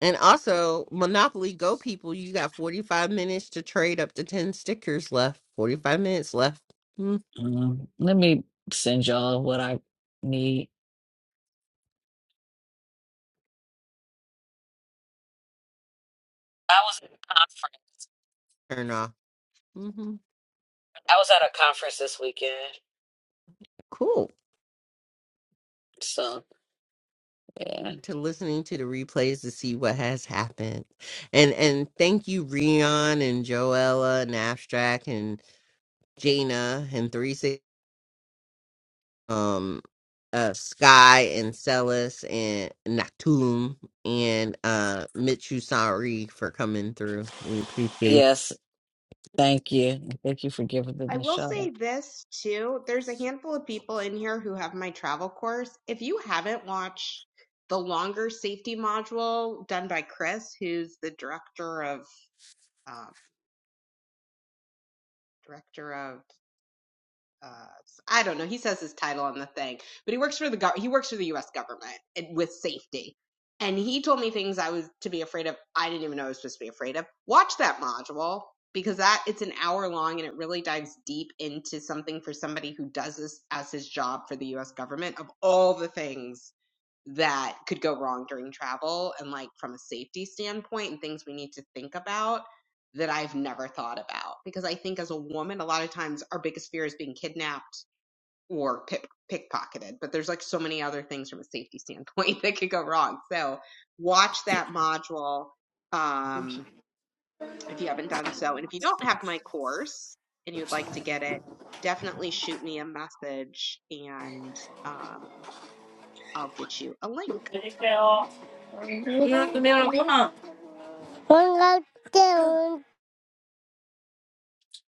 S4: And also, Monopoly Go people, you got forty five minutes to trade up to ten stickers left. Forty five minutes left. Mm,
S1: mm, let me send y'all what I need. I was
S4: turn off. hmm
S1: I was at a conference this weekend.
S4: Cool.
S1: So, yeah.
S4: To listening to the replays to see what has happened, and and thank you, Rion and Joella and Abstract and Jaina and Three Six. um uh Sky and Celis and Natum and uh Mitch for coming through. We appreciate
S1: yes, thank you. Thank you for giving
S2: [LAUGHS] I
S1: them a
S2: will
S1: shout out.
S2: say this too. There's a handful of people in here who have my travel course. If you haven't watched the longer safety module done by Chris, who's the director of uh, director of uh, I don't know. He says his title on the thing, but he works for the gov- he works for the U.S. government with safety. And he told me things I was to be afraid of. I didn't even know I was supposed to be afraid of. Watch that module because that it's an hour long and it really dives deep into something for somebody who does this as his job for the U.S. government of all the things that could go wrong during travel and like from a safety standpoint and things we need to think about that I've never thought about because I think as a woman a lot of times our biggest fear is being kidnapped or pick, pickpocketed but there's like so many other things from a safety [LAUGHS] standpoint that could go wrong so watch that module um if you haven't done so and if you don't have my course and you'd like to get it definitely shoot me a message and um I'll get you a link
S6: I got the.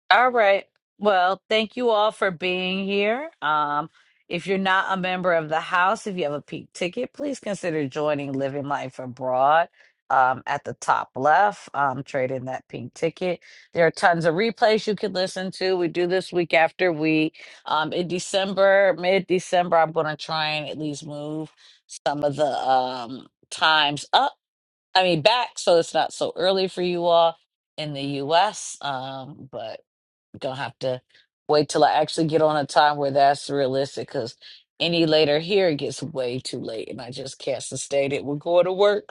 S1: All right. Well, thank you all for being here. Um, if you're not a member of the house, if you have a pink ticket, please consider joining Living Life Abroad um, at the top left, um, trade in that pink ticket. There are tons of replays you can listen to. We do this week after week. Um, in December, mid December, I'm going to try and at least move some of the um, times up, I mean, back, so it's not so early for you all in the US. Um, but Gonna have to wait till I actually get on a time where that's realistic because any later here it gets way too late and I just can't sustain it. We're going to work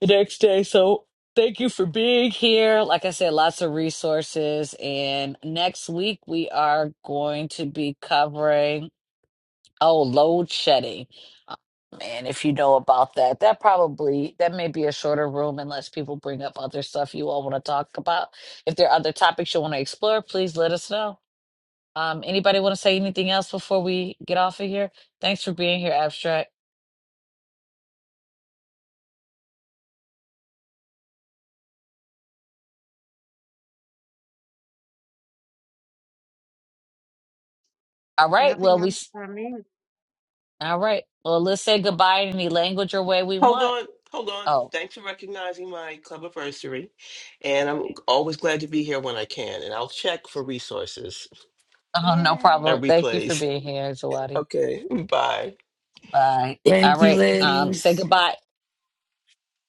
S1: the next day. So thank you for being here. Like I said, lots of resources. And next week we are going to be covering oh load shedding. Um, And if you know about that, that probably that may be a shorter room unless people bring up other stuff you all want to talk about. If there are other topics you want to explore, please let us know. Um, anybody want to say anything else before we get off of here? Thanks for being here, Abstract. All right. Well,
S2: Nothing
S1: we.
S2: else
S1: s-
S2: for me.
S1: All right. Well, let's say goodbye in any language or way we
S5: Hold
S1: want.
S5: on, hold on.
S1: Oh,
S5: Thanks for recognizing my club anniversary. And I'm always glad to be here when I can. And I'll check for resources
S1: [LAUGHS] oh, no
S2: Yay.
S1: problem.
S5: and
S1: Thank you for
S5: replays. [LAUGHS]
S1: being here, Zawadi.
S5: Okay, bye.
S1: Bye. All
S7: Thank you,
S1: right. Um, say
S7: ladies.
S1: goodbye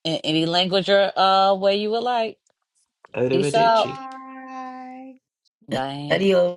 S1: in any language or uh way you would like. Peace out.
S5: Arrivederci.
S2: Bye.
S1: Bye.
S7: Adios.